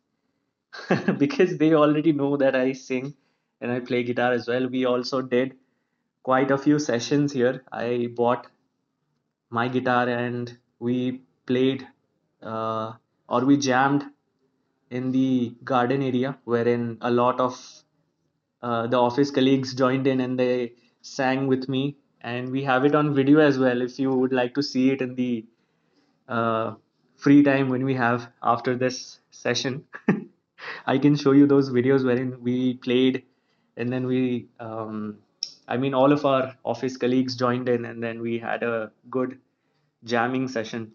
S2: because they already know that I sing and I play guitar as well. We also did quite a few sessions here. I bought my guitar, and we played, uh, or we jammed in the garden area, wherein a lot of the office colleagues joined in and they sang with me, and we have it on video as well. If you would like to see it in the uh, free time when we have after this session, I can show you those videos wherein we played, and then I mean, all of our office colleagues joined in, and then we had a good jamming session.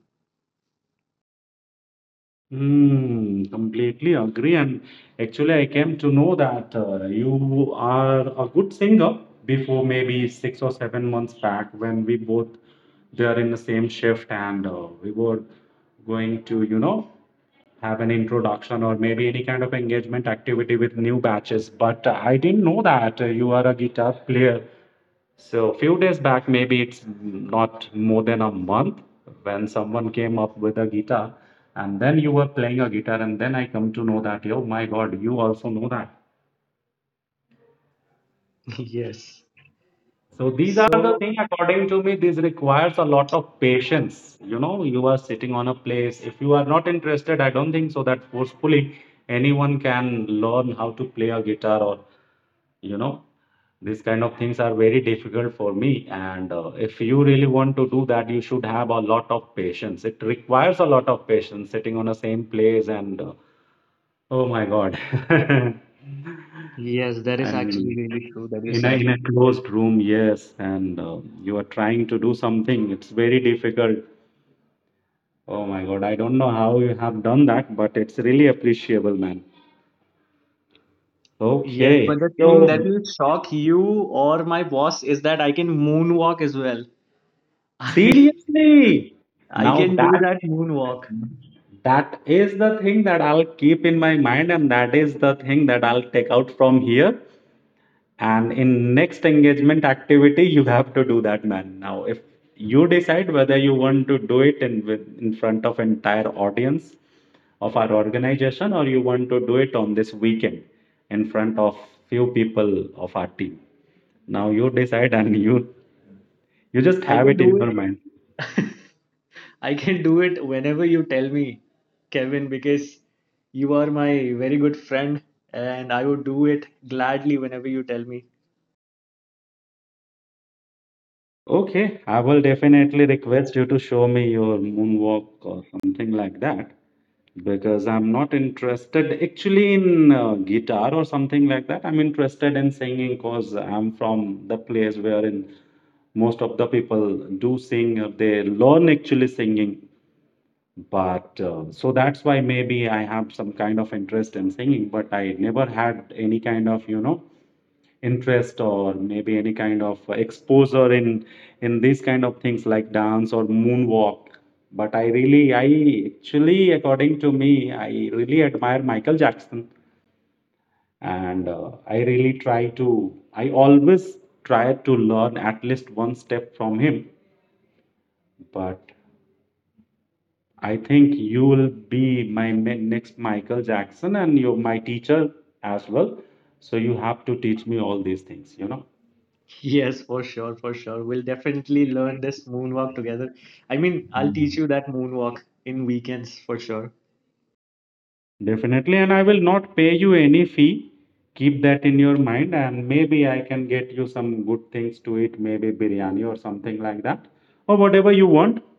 S1: Hmm, completely agree. And actually, I came to know that you are a good singer before maybe 6 or 7 months back when we both were in the same shift and we were going to, you know, have an introduction or maybe any kind of engagement activity with new batches. But I didn't know that you are a guitar player. So few days back, maybe it's not more than a month, when someone came up with a guitar, and then you were playing a guitar, and then I come to know that, oh my God, you also know that.
S2: Yes.
S1: So these are the
S2: So,
S1: thing. According to me, this requires a lot of patience. You know, you are sitting on a place. If you are not interested, I don't think so that forcefully anyone can learn how to play a guitar or you know these kind of things are very difficult for me and if you really want to do that you should have a lot of patience, it requires a lot of patience sitting on the same place and oh my God,
S2: yes, that is
S1: and
S2: actually really true that you
S1: in a,
S2: said.
S1: in a closed room, yes, and you are trying to do something, it's very difficult. Oh my God, I don't know how you have done that, but it's really appreciable, man.
S2: Yes,
S1: Okay,
S2: but the thing
S1: so
S2: that will shock you or my boss is that I can moonwalk as well. I
S1: seriously
S2: I
S1: now
S2: can do
S1: that
S2: that moonwalk.
S1: that is the thing that I'll keep in my mind, and that is the thing that I'll take out from here. And in next engagement activity, you have to do that, man. Now, if you decide whether you want to do it in with in front of entire audience of our organization, or you want to do it on this weekend in front of few people of our team. Now you decide, and you just
S2: I
S1: have
S2: can
S1: it in
S2: do
S1: your
S2: it.
S1: mind.
S2: I can do it whenever you tell me, Kevin, because you are my very good friend, and I would do it gladly whenever you tell me.
S1: Okay, I will definitely request you to show me your moonwalk or something like that because I'm not interested actually in guitar or something like that. I'm interested in singing because I'm from the place wherein most of the people do sing, they learn actually singing. But so that's why maybe I have some kind of interest in singing, but I never had any kind of, you know, interest or maybe any kind of exposure in these kind of things like dance or moonwalk, but I really, I actually, according to me, I really admire Michael Jackson and I really try to, I always try to learn at least one step from him, but I think you will be my next Michael Jackson and you're my teacher as well, so you have to teach me all these things, you
S2: Yes, for sure, for sure. We'll definitely learn this moonwalk together. I mean, I'll teach
S1: know.
S2: you that moonwalk in weekends, for sure.
S1: Definitely, and I will not pay you any fee. Keep that in your mind, and maybe I can get you some good things to eat, maybe biryani or something like that, or whatever you want.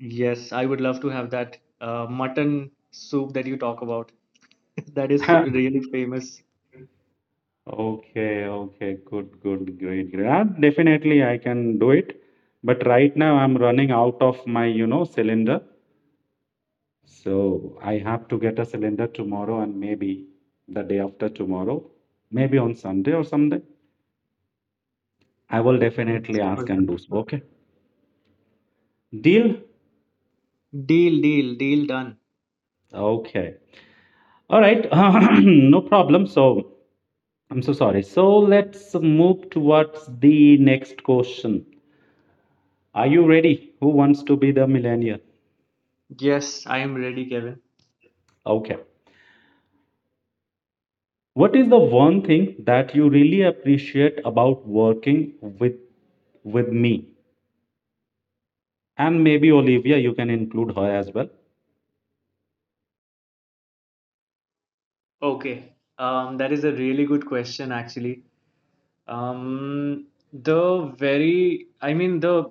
S2: Yes, I would love to have that mutton soup that you talk about. That is really famous.
S1: Okay, okay, good, good, great, great. Ah, definitely, I can do it. But right now, I'm running out of my, you know, cylinder. So I have to get a cylinder tomorrow and maybe the day after tomorrow, maybe on Sunday or someday. I will definitely
S2: Yes, for
S1: ask
S2: sure.
S1: and do so. Okay. Deal?
S2: Deal, deal, deal done.
S1: Okay. All right. No problem. So I'm so sorry. So let's move towards the next question. Are you ready? Who wants to be the millennial?
S2: Yes, I am ready, Kevin.
S1: Okay. What is the one thing that you really appreciate about working with with me? And maybe Olivia, you can include her as well.
S2: Okay, that is a really good question, actually. Um, I mean, the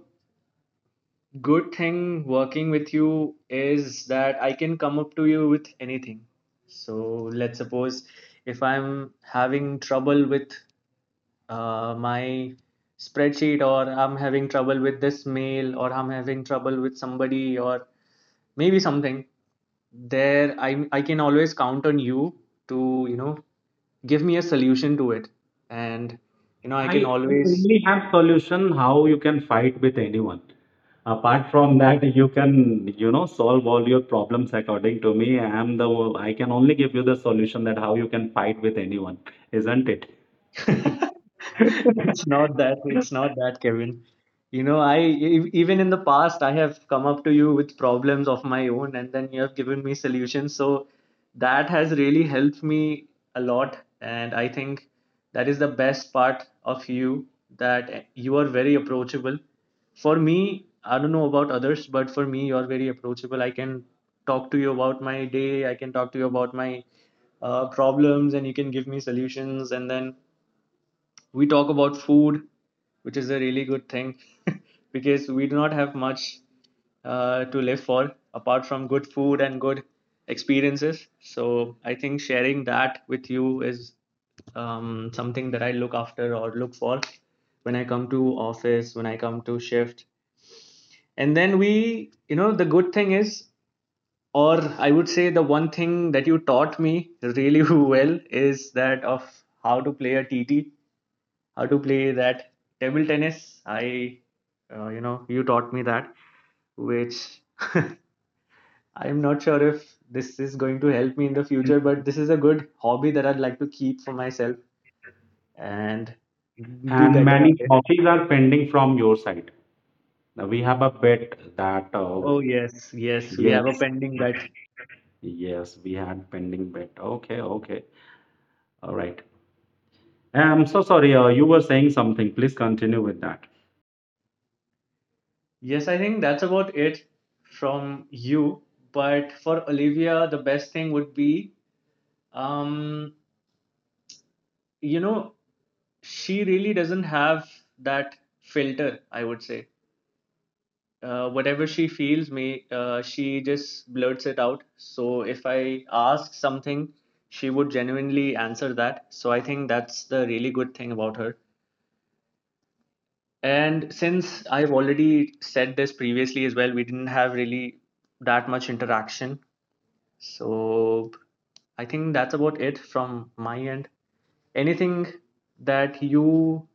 S2: good thing working with you is that I can come up to you with anything. So let's suppose if I'm having trouble with my spreadsheet, or I'm having trouble with this mail, or I'm having trouble with somebody, or maybe something there I can always count on you to you know give me a solution to it and I can
S1: I
S2: always
S1: only have solution how you can fight with anyone. Apart from that, you can, you know, solve all your problems according to me. I am the, I can only give you the solution that how you can fight with anyone, isn't it?
S2: It's not that. It's not that, Kevin. You know, even in the past I have come up to you with problems of my own, and then you have given me solutions. So that has really helped me a lot, and I think that is the best part of you, that you are very approachable. For me, I don't know about others, but for me, you are very approachable. I can talk to you about my day. I can talk to you about my problems, and you can give me solutions, and then we talk about food, which is a really good thing because we do not have much to live for apart from good food and good experiences. So I think sharing that with you is something that I look after or look for when I come to office, when I come to shift. And then we, the good thing is, or I would say, the one thing that you taught me really well is that of how to play a TT, how to play that table tennis. You taught me that, which I'm not sure if this is going to help me in the future, but this is a good hobby that I'd like to keep for myself and be
S1: And
S2: better at
S1: many
S2: it.
S1: copies are pending from your side. Now, we have a bet that,
S2: Oh,
S1: oh,
S2: yes, yes, we
S1: yes,
S2: have a pending bet.
S1: yes, we had pending bet. Okay, okay, all right. I'm so sorry. You were saying something. Please continue with that.
S2: Yes, I think that's about it from you. But for Olivia, the best thing would be, um, you know, she really doesn't have that filter, I would say. Whatever she feels, me she just blurts it out. So if I ask something, she would genuinely answer that. So I think that's the really good thing about her. And since I've already said this previously as well, we didn't have really that much interaction, so I think that's about it from my end. Anything that you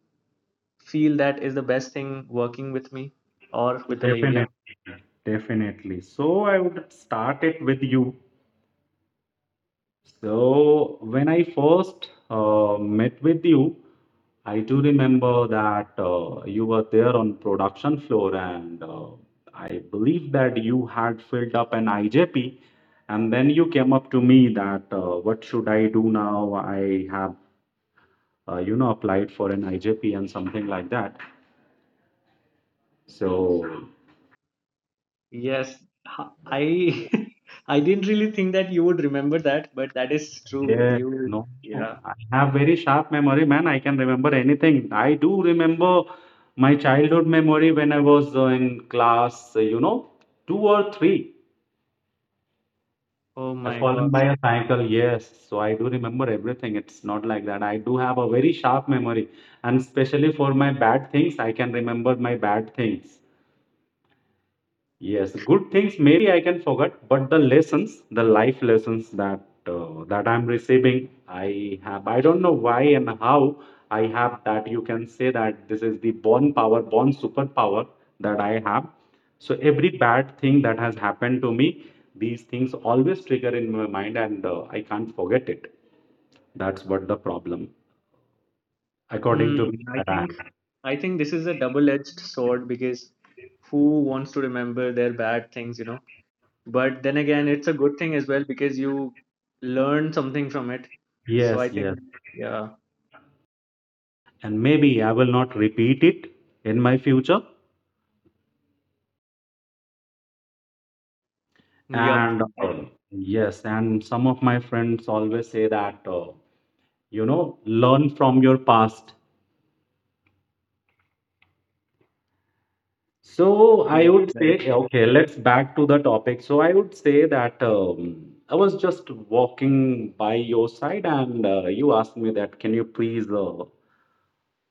S2: feel that is the best thing working with me or with Olivia?
S1: Definitely, definitely. So I would start it with you. So when I first met with you, I do remember that you were there on production floor, and I believe that you had filled up an IJP, and then you came up to me that what should I do now? I have applied for an IJP and something like that. So
S2: Yes, I I didn't really think that you would remember that, but that is true.
S1: Yes,
S2: You,
S1: no,
S2: yeah.
S1: I have very sharp memory, man. I can remember anything. I do remember my childhood memory when I was in class, two or three.
S2: Oh
S1: I
S2: my
S1: fallen
S2: gosh.
S1: by a cycle, yes. So I do remember everything. It's not like that. I do have a very sharp memory, and especially for my bad things, I can remember my bad things. Yes, good things maybe I can forget, but the lessons, the life lessons that I'm receiving, I have. I don't know why and how I have that. You can say that this is the born power, born superpower that I have. So every bad thing that has happened to me, these things always trigger in my mind, and I can't forget it. That's what the problem, according
S2: Hmm.
S1: to me, that I have.
S2: I think this is a double-edged sword, because who wants to remember their bad things, you know? But then again, it's a good thing as well, because you learn something from it. So
S1: Yes,
S2: I
S1: yes,
S2: think, yeah.
S1: and maybe I will not repeat it in my future.
S2: Yup.
S1: And yes, and some of my friends always say that, learn from your past. So I
S2: Yes,
S1: would
S2: that is
S1: say, yeah,
S2: true.
S1: okay, let's back to the topic. So I would say that I was just walking by your side and you asked me that, can you please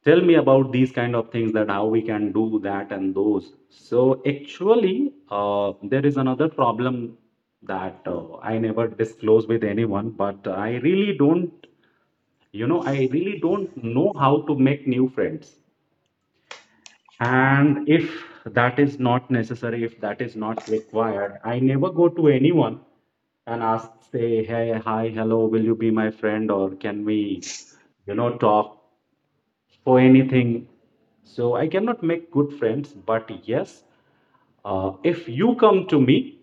S1: tell me about these kind of things that how we can do that and those. So actually, there is another problem that I never disclose with anyone, but I really don't, I really don't know how to make new friends. And if that is not necessary, if that is not required, I never go to anyone and ask, say, hey, hi, hello, will you be my friend or can we, talk for anything? So I cannot make good friends, but yes, if you come to me,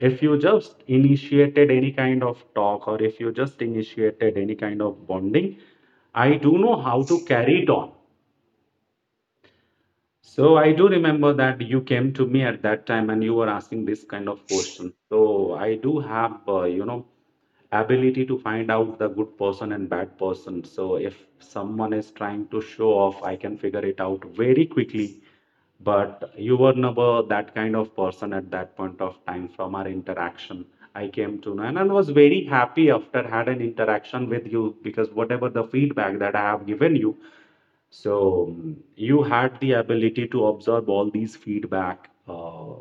S1: if you just initiated any kind of talk or if you just initiated any kind of bonding, I do know how to carry it on. So I do remember that you came to me at that time and you were asking this kind of question. So I do have, ability to find out the good person and bad person. So if someone is trying to show off, I can figure it out very quickly. But you were never that kind of person at that point of time. From our interaction, I came to know, and I was very happy after had an interaction with you, because whatever the feedback that I have given you, so mm, you had the ability to absorb all these feedback,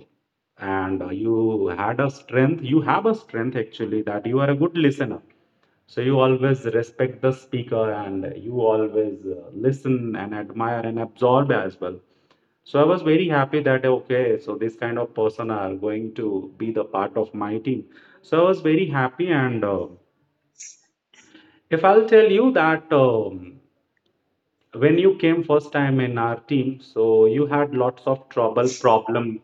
S1: and you had a strength. You have a strength actually that you are a good listener. So you always respect the speaker, and you always listen and admire and absorb as well. So I was very happy that okay, so this kind of person are going to be the part of my team. So I was very happy, and if I'll tell you that. When you came first time in our team, so you had lots of trouble problem,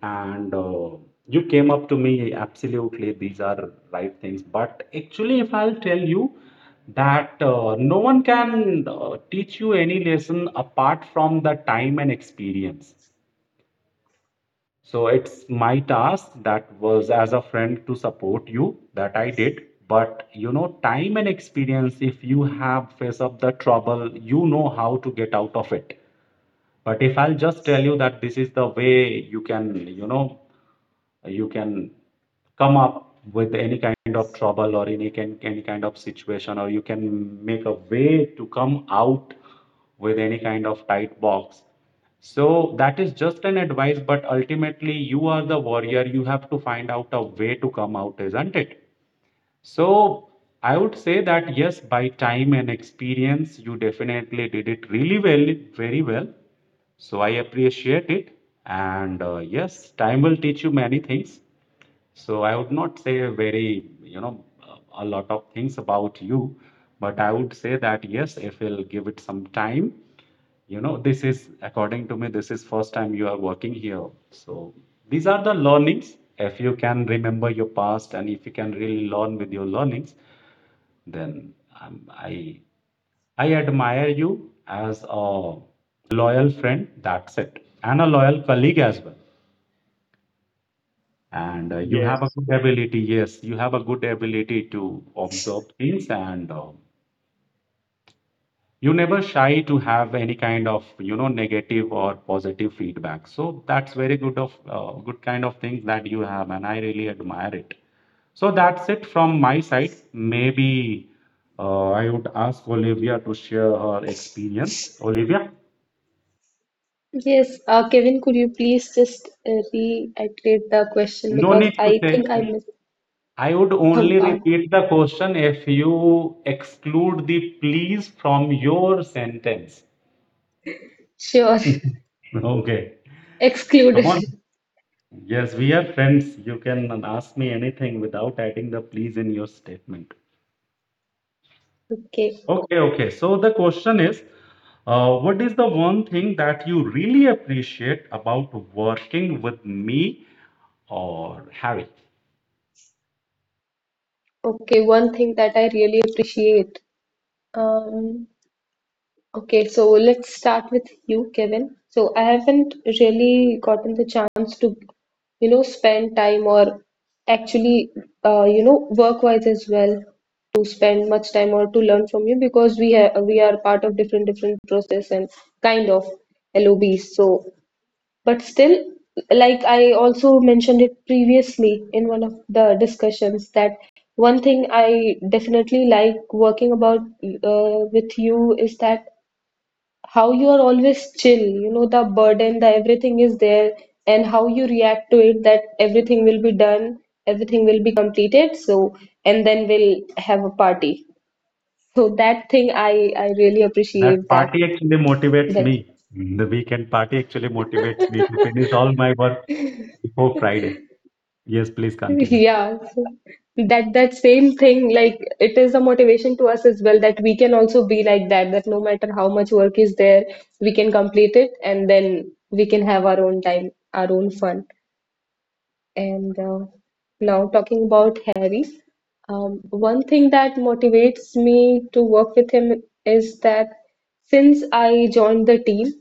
S1: and you came up to me. Absolutely these are right things, but actually if I'll tell you that no one can teach you any lesson apart from the time and experience. So it's my task that was as a friend to support you, that I did. But you know, time and experience, if you have face up the trouble, you know how to get out of it. But if I'll just tell you that this is the way you can, you know, you can come up with any kind of trouble or any can any kind of situation, or you can make a way to come out with any kind of tight box. So that is just an advice, but ultimately you are the warrior. You have to find out a way to come out, isn't it? So I would say that yes, by time and experience, you definitely did it really well, very well. So I appreciate it. And yes, time will teach you many things. So I would not say a very, you know, a lot of things about you, but I would say that yes, if you'll give it some time, you know, this is according to me, this is first time you are working here, so these are the learnings. If you can remember your past and if you can really learn with your learnings, then um, i I admire you as a loyal friend, that's it, and a loyal colleague as well. And you have a
S2: Yes.
S1: good ability. Yes, you have a good ability to observe things, and you never shy to have any kind of, you know, negative or positive feedback. So that's very good of good kind of things that you have, and I really admire it. So that's it from my side. Maybe I would ask Olivia to share her experience. Olivia,
S3: Yes, Kevin, could you please just reiterate the question,
S1: no
S3: because
S1: need to
S3: I
S1: say,
S3: think I missed
S1: I would
S3: some
S1: only
S3: part.
S1: repeat the question if you exclude the please from your sentence.
S3: Sure,
S1: Okay, come
S3: excluded.
S1: on. Yes, we are friends. You can ask me anything without adding the please in your statement.
S3: Okay,
S1: Okay, okay. So the question is, what is the one thing that you really appreciate about working with me or Harry?
S3: okay. One thing that I really appreciate. Um, Okay, so let's start with you, Kevin. So I haven't really gotten the chance to, you know, spend time or actually, you know, work-wise as well, to spend much time or to learn from you because we are part of different process and kind of LOBs. So, but still, like I also mentioned it previously in one of the discussions, that one thing I definitely like working about with you is that how you are always chill, you know, the burden, the everything is there, and how you react to it, that everything will be done, everything will be completed, so and then we'll have a party. So that thing I really
S1: That
S3: appreciate that
S1: party actually motivates
S3: that
S1: me. Mm. The weekend party actually motivates me to finish all my work before Friday. Yes, please continue.
S3: yeah, so that same thing, like it is a motivation to us as well, that we can also be like that, that no matter how much work is there, we can complete it and then we can have our own time, our own fun. And now talking about Harry, one thing that motivates me to work with him is that since I joined the team,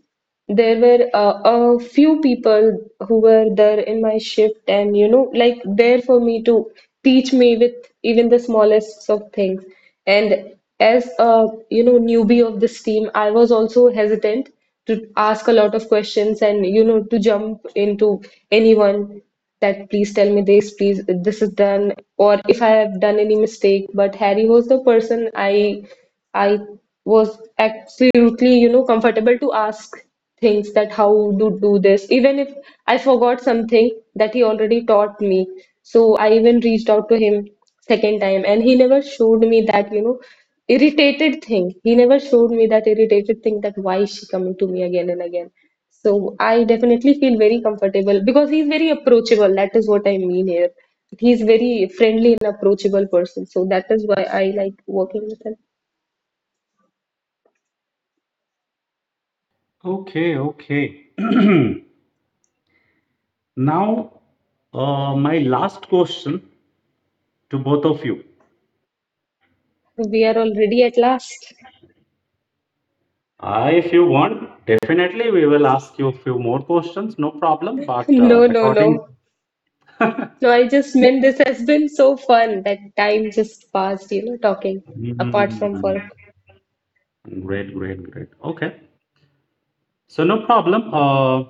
S3: there were a few people who were there in my shift and, you know, like there for me to teach me with even the smallest of things. And as a, you know, newbie of this team, I was also hesitant to ask a lot of questions and, you know, to jump into anyone that please tell me this, please this is done, or if I have done any mistake. But Harry was the person I was absolutely, you know, comfortable to ask things that how to do this. Even if I forgot something that he already taught me. So I even reached out to him second time and he never showed me that, you know, irritated thing. He never showed me that irritated thing, that why is she coming to me again and again. So I definitely feel very comfortable because he's very approachable. That is what I mean here. He's very friendly and approachable person. So that is why I like working with him.
S1: Okay, okay. Now, my last question to both of you.
S3: We are already at last.
S1: If you want, definitely we will ask you a few more questions, no problem. But
S3: No, no,
S1: according,
S3: no. No, I just meant this has been so fun. That time just passed, you know, talking apart
S1: hmm,
S3: from work.
S1: great, great, great. Okay, so no problem.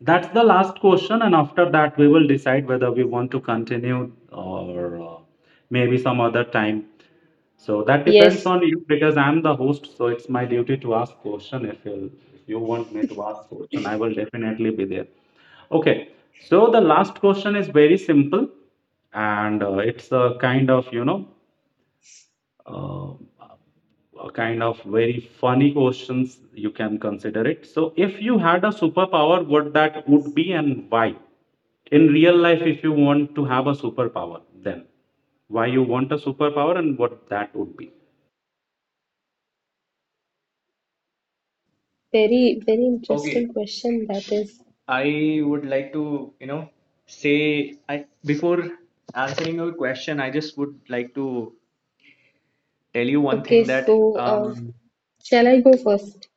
S1: That's the last question, and after that, we will decide whether we want to continue or maybe some other time. So that depends
S3: Yes,
S1: on you, because I'm the host, so it's my duty to ask question. If you want me to ask question, I will definitely be there. Okay. So the last question is very simple, and it's a kind of, you know, uh, a kind of very funny questions, you can consider it. So if you had a superpower, what that would be and why? In real life, if you want to have a superpower, then why you want a superpower and what that would be?
S3: very, very
S2: Okay,
S3: interesting question that is.
S2: I would like to, you know, say, I, before answering your question, I just would like to tell you one
S3: Okay,
S2: thing that
S3: so shall I go first?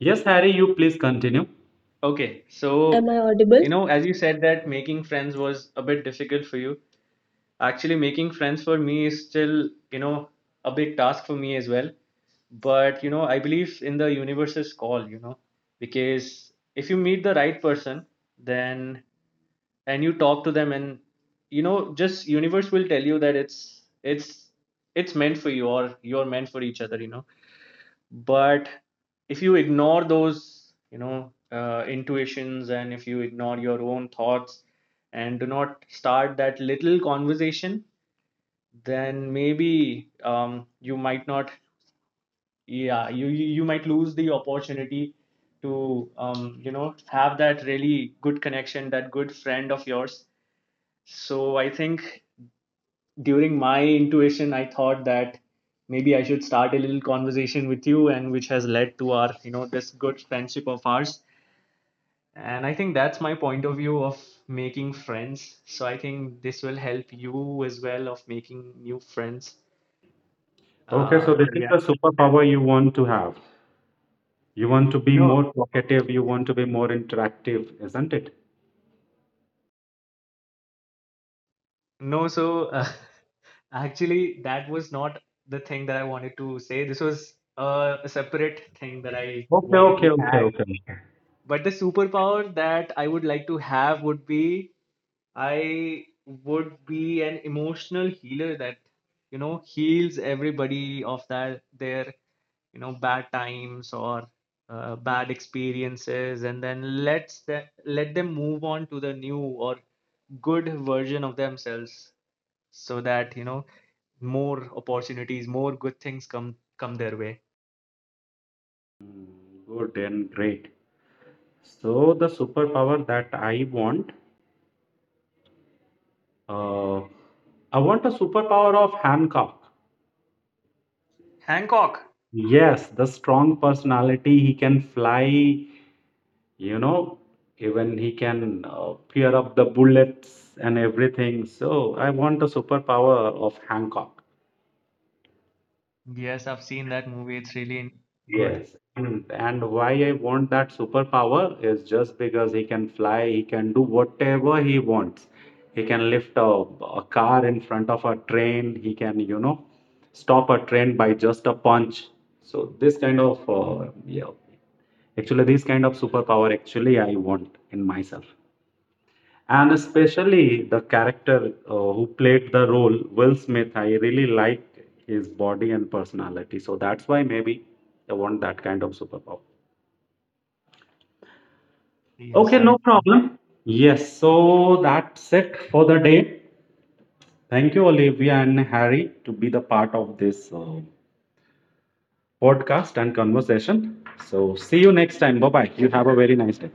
S1: Yes, Harry, you please continue.
S2: okay,
S3: Am
S2: so
S3: I audible?
S2: you know, as you said that making friends was a bit difficult for you. Actually, making friends for me is still, you know, a big task for me as well. But you know, I believe in the universe's call, you know, because if you meet the right person, then and you talk to them, and you know, just universe will tell you that it's meant for you, or you're meant for each other, you know. But if you ignore those, you know, intuitions, and if you ignore your own thoughts and do not start that little conversation, then maybe you might not, yeah, you might lose the opportunity to you know, have that really good connection, that good friend of yours. So I think during my intuition, I thought that maybe I should start a little conversation with you, and which has led to our, you know, this good friendship of ours. And I think that's my point of view of making friends. So I think this will help you as well of making new friends.
S1: Okay,
S2: Uh,
S1: so this
S2: so
S1: is
S2: yeah.
S1: the superpower you want to have. You want to be
S2: No,
S1: more talkative, you want to be more interactive, isn't it?
S2: no. So actually, that was not the thing that I wanted to say. This was a separate thing that I
S1: Okay,
S2: wanted
S1: okay,
S2: to
S1: okay,
S2: add.
S1: okay, okay.
S2: But the superpower that I would like to have would be, I would be an emotional healer that, you know, heals everybody of that, their, you know, bad times or bad experiences, and then lets the, let them move on to the new or good version of themselves, so that, you know, more opportunities, more good things come their way.
S1: Good and great. So the superpower that uh, I want a superpower of Hancock.
S2: Hancock.
S1: Yes, the strong personality, he can fly, you know, even he can fear up the bullets and everything. So I want a superpower of Hancock.
S2: Yes, I've seen that movie. It's really good.
S1: Yes. And why I want that superpower is just because he can fly, he can do whatever he wants. He can lift a car in front of a train, he can, you know, stop a train by just a punch. So this kind of, yeah, actually this kind of superpower actually I want in myself. And especially the character who played the role, Will Smith, I really like his body and personality. So that's why maybe I want that kind of superpower.
S2: Yes,
S1: Okay,
S2: that
S1: no
S2: is.
S1: problem. Yes, so that's it for the day. Thank you, Olivia and Harry, to be the part of this podcast and conversation. So see you next time. Bye bye. You have a very nice day.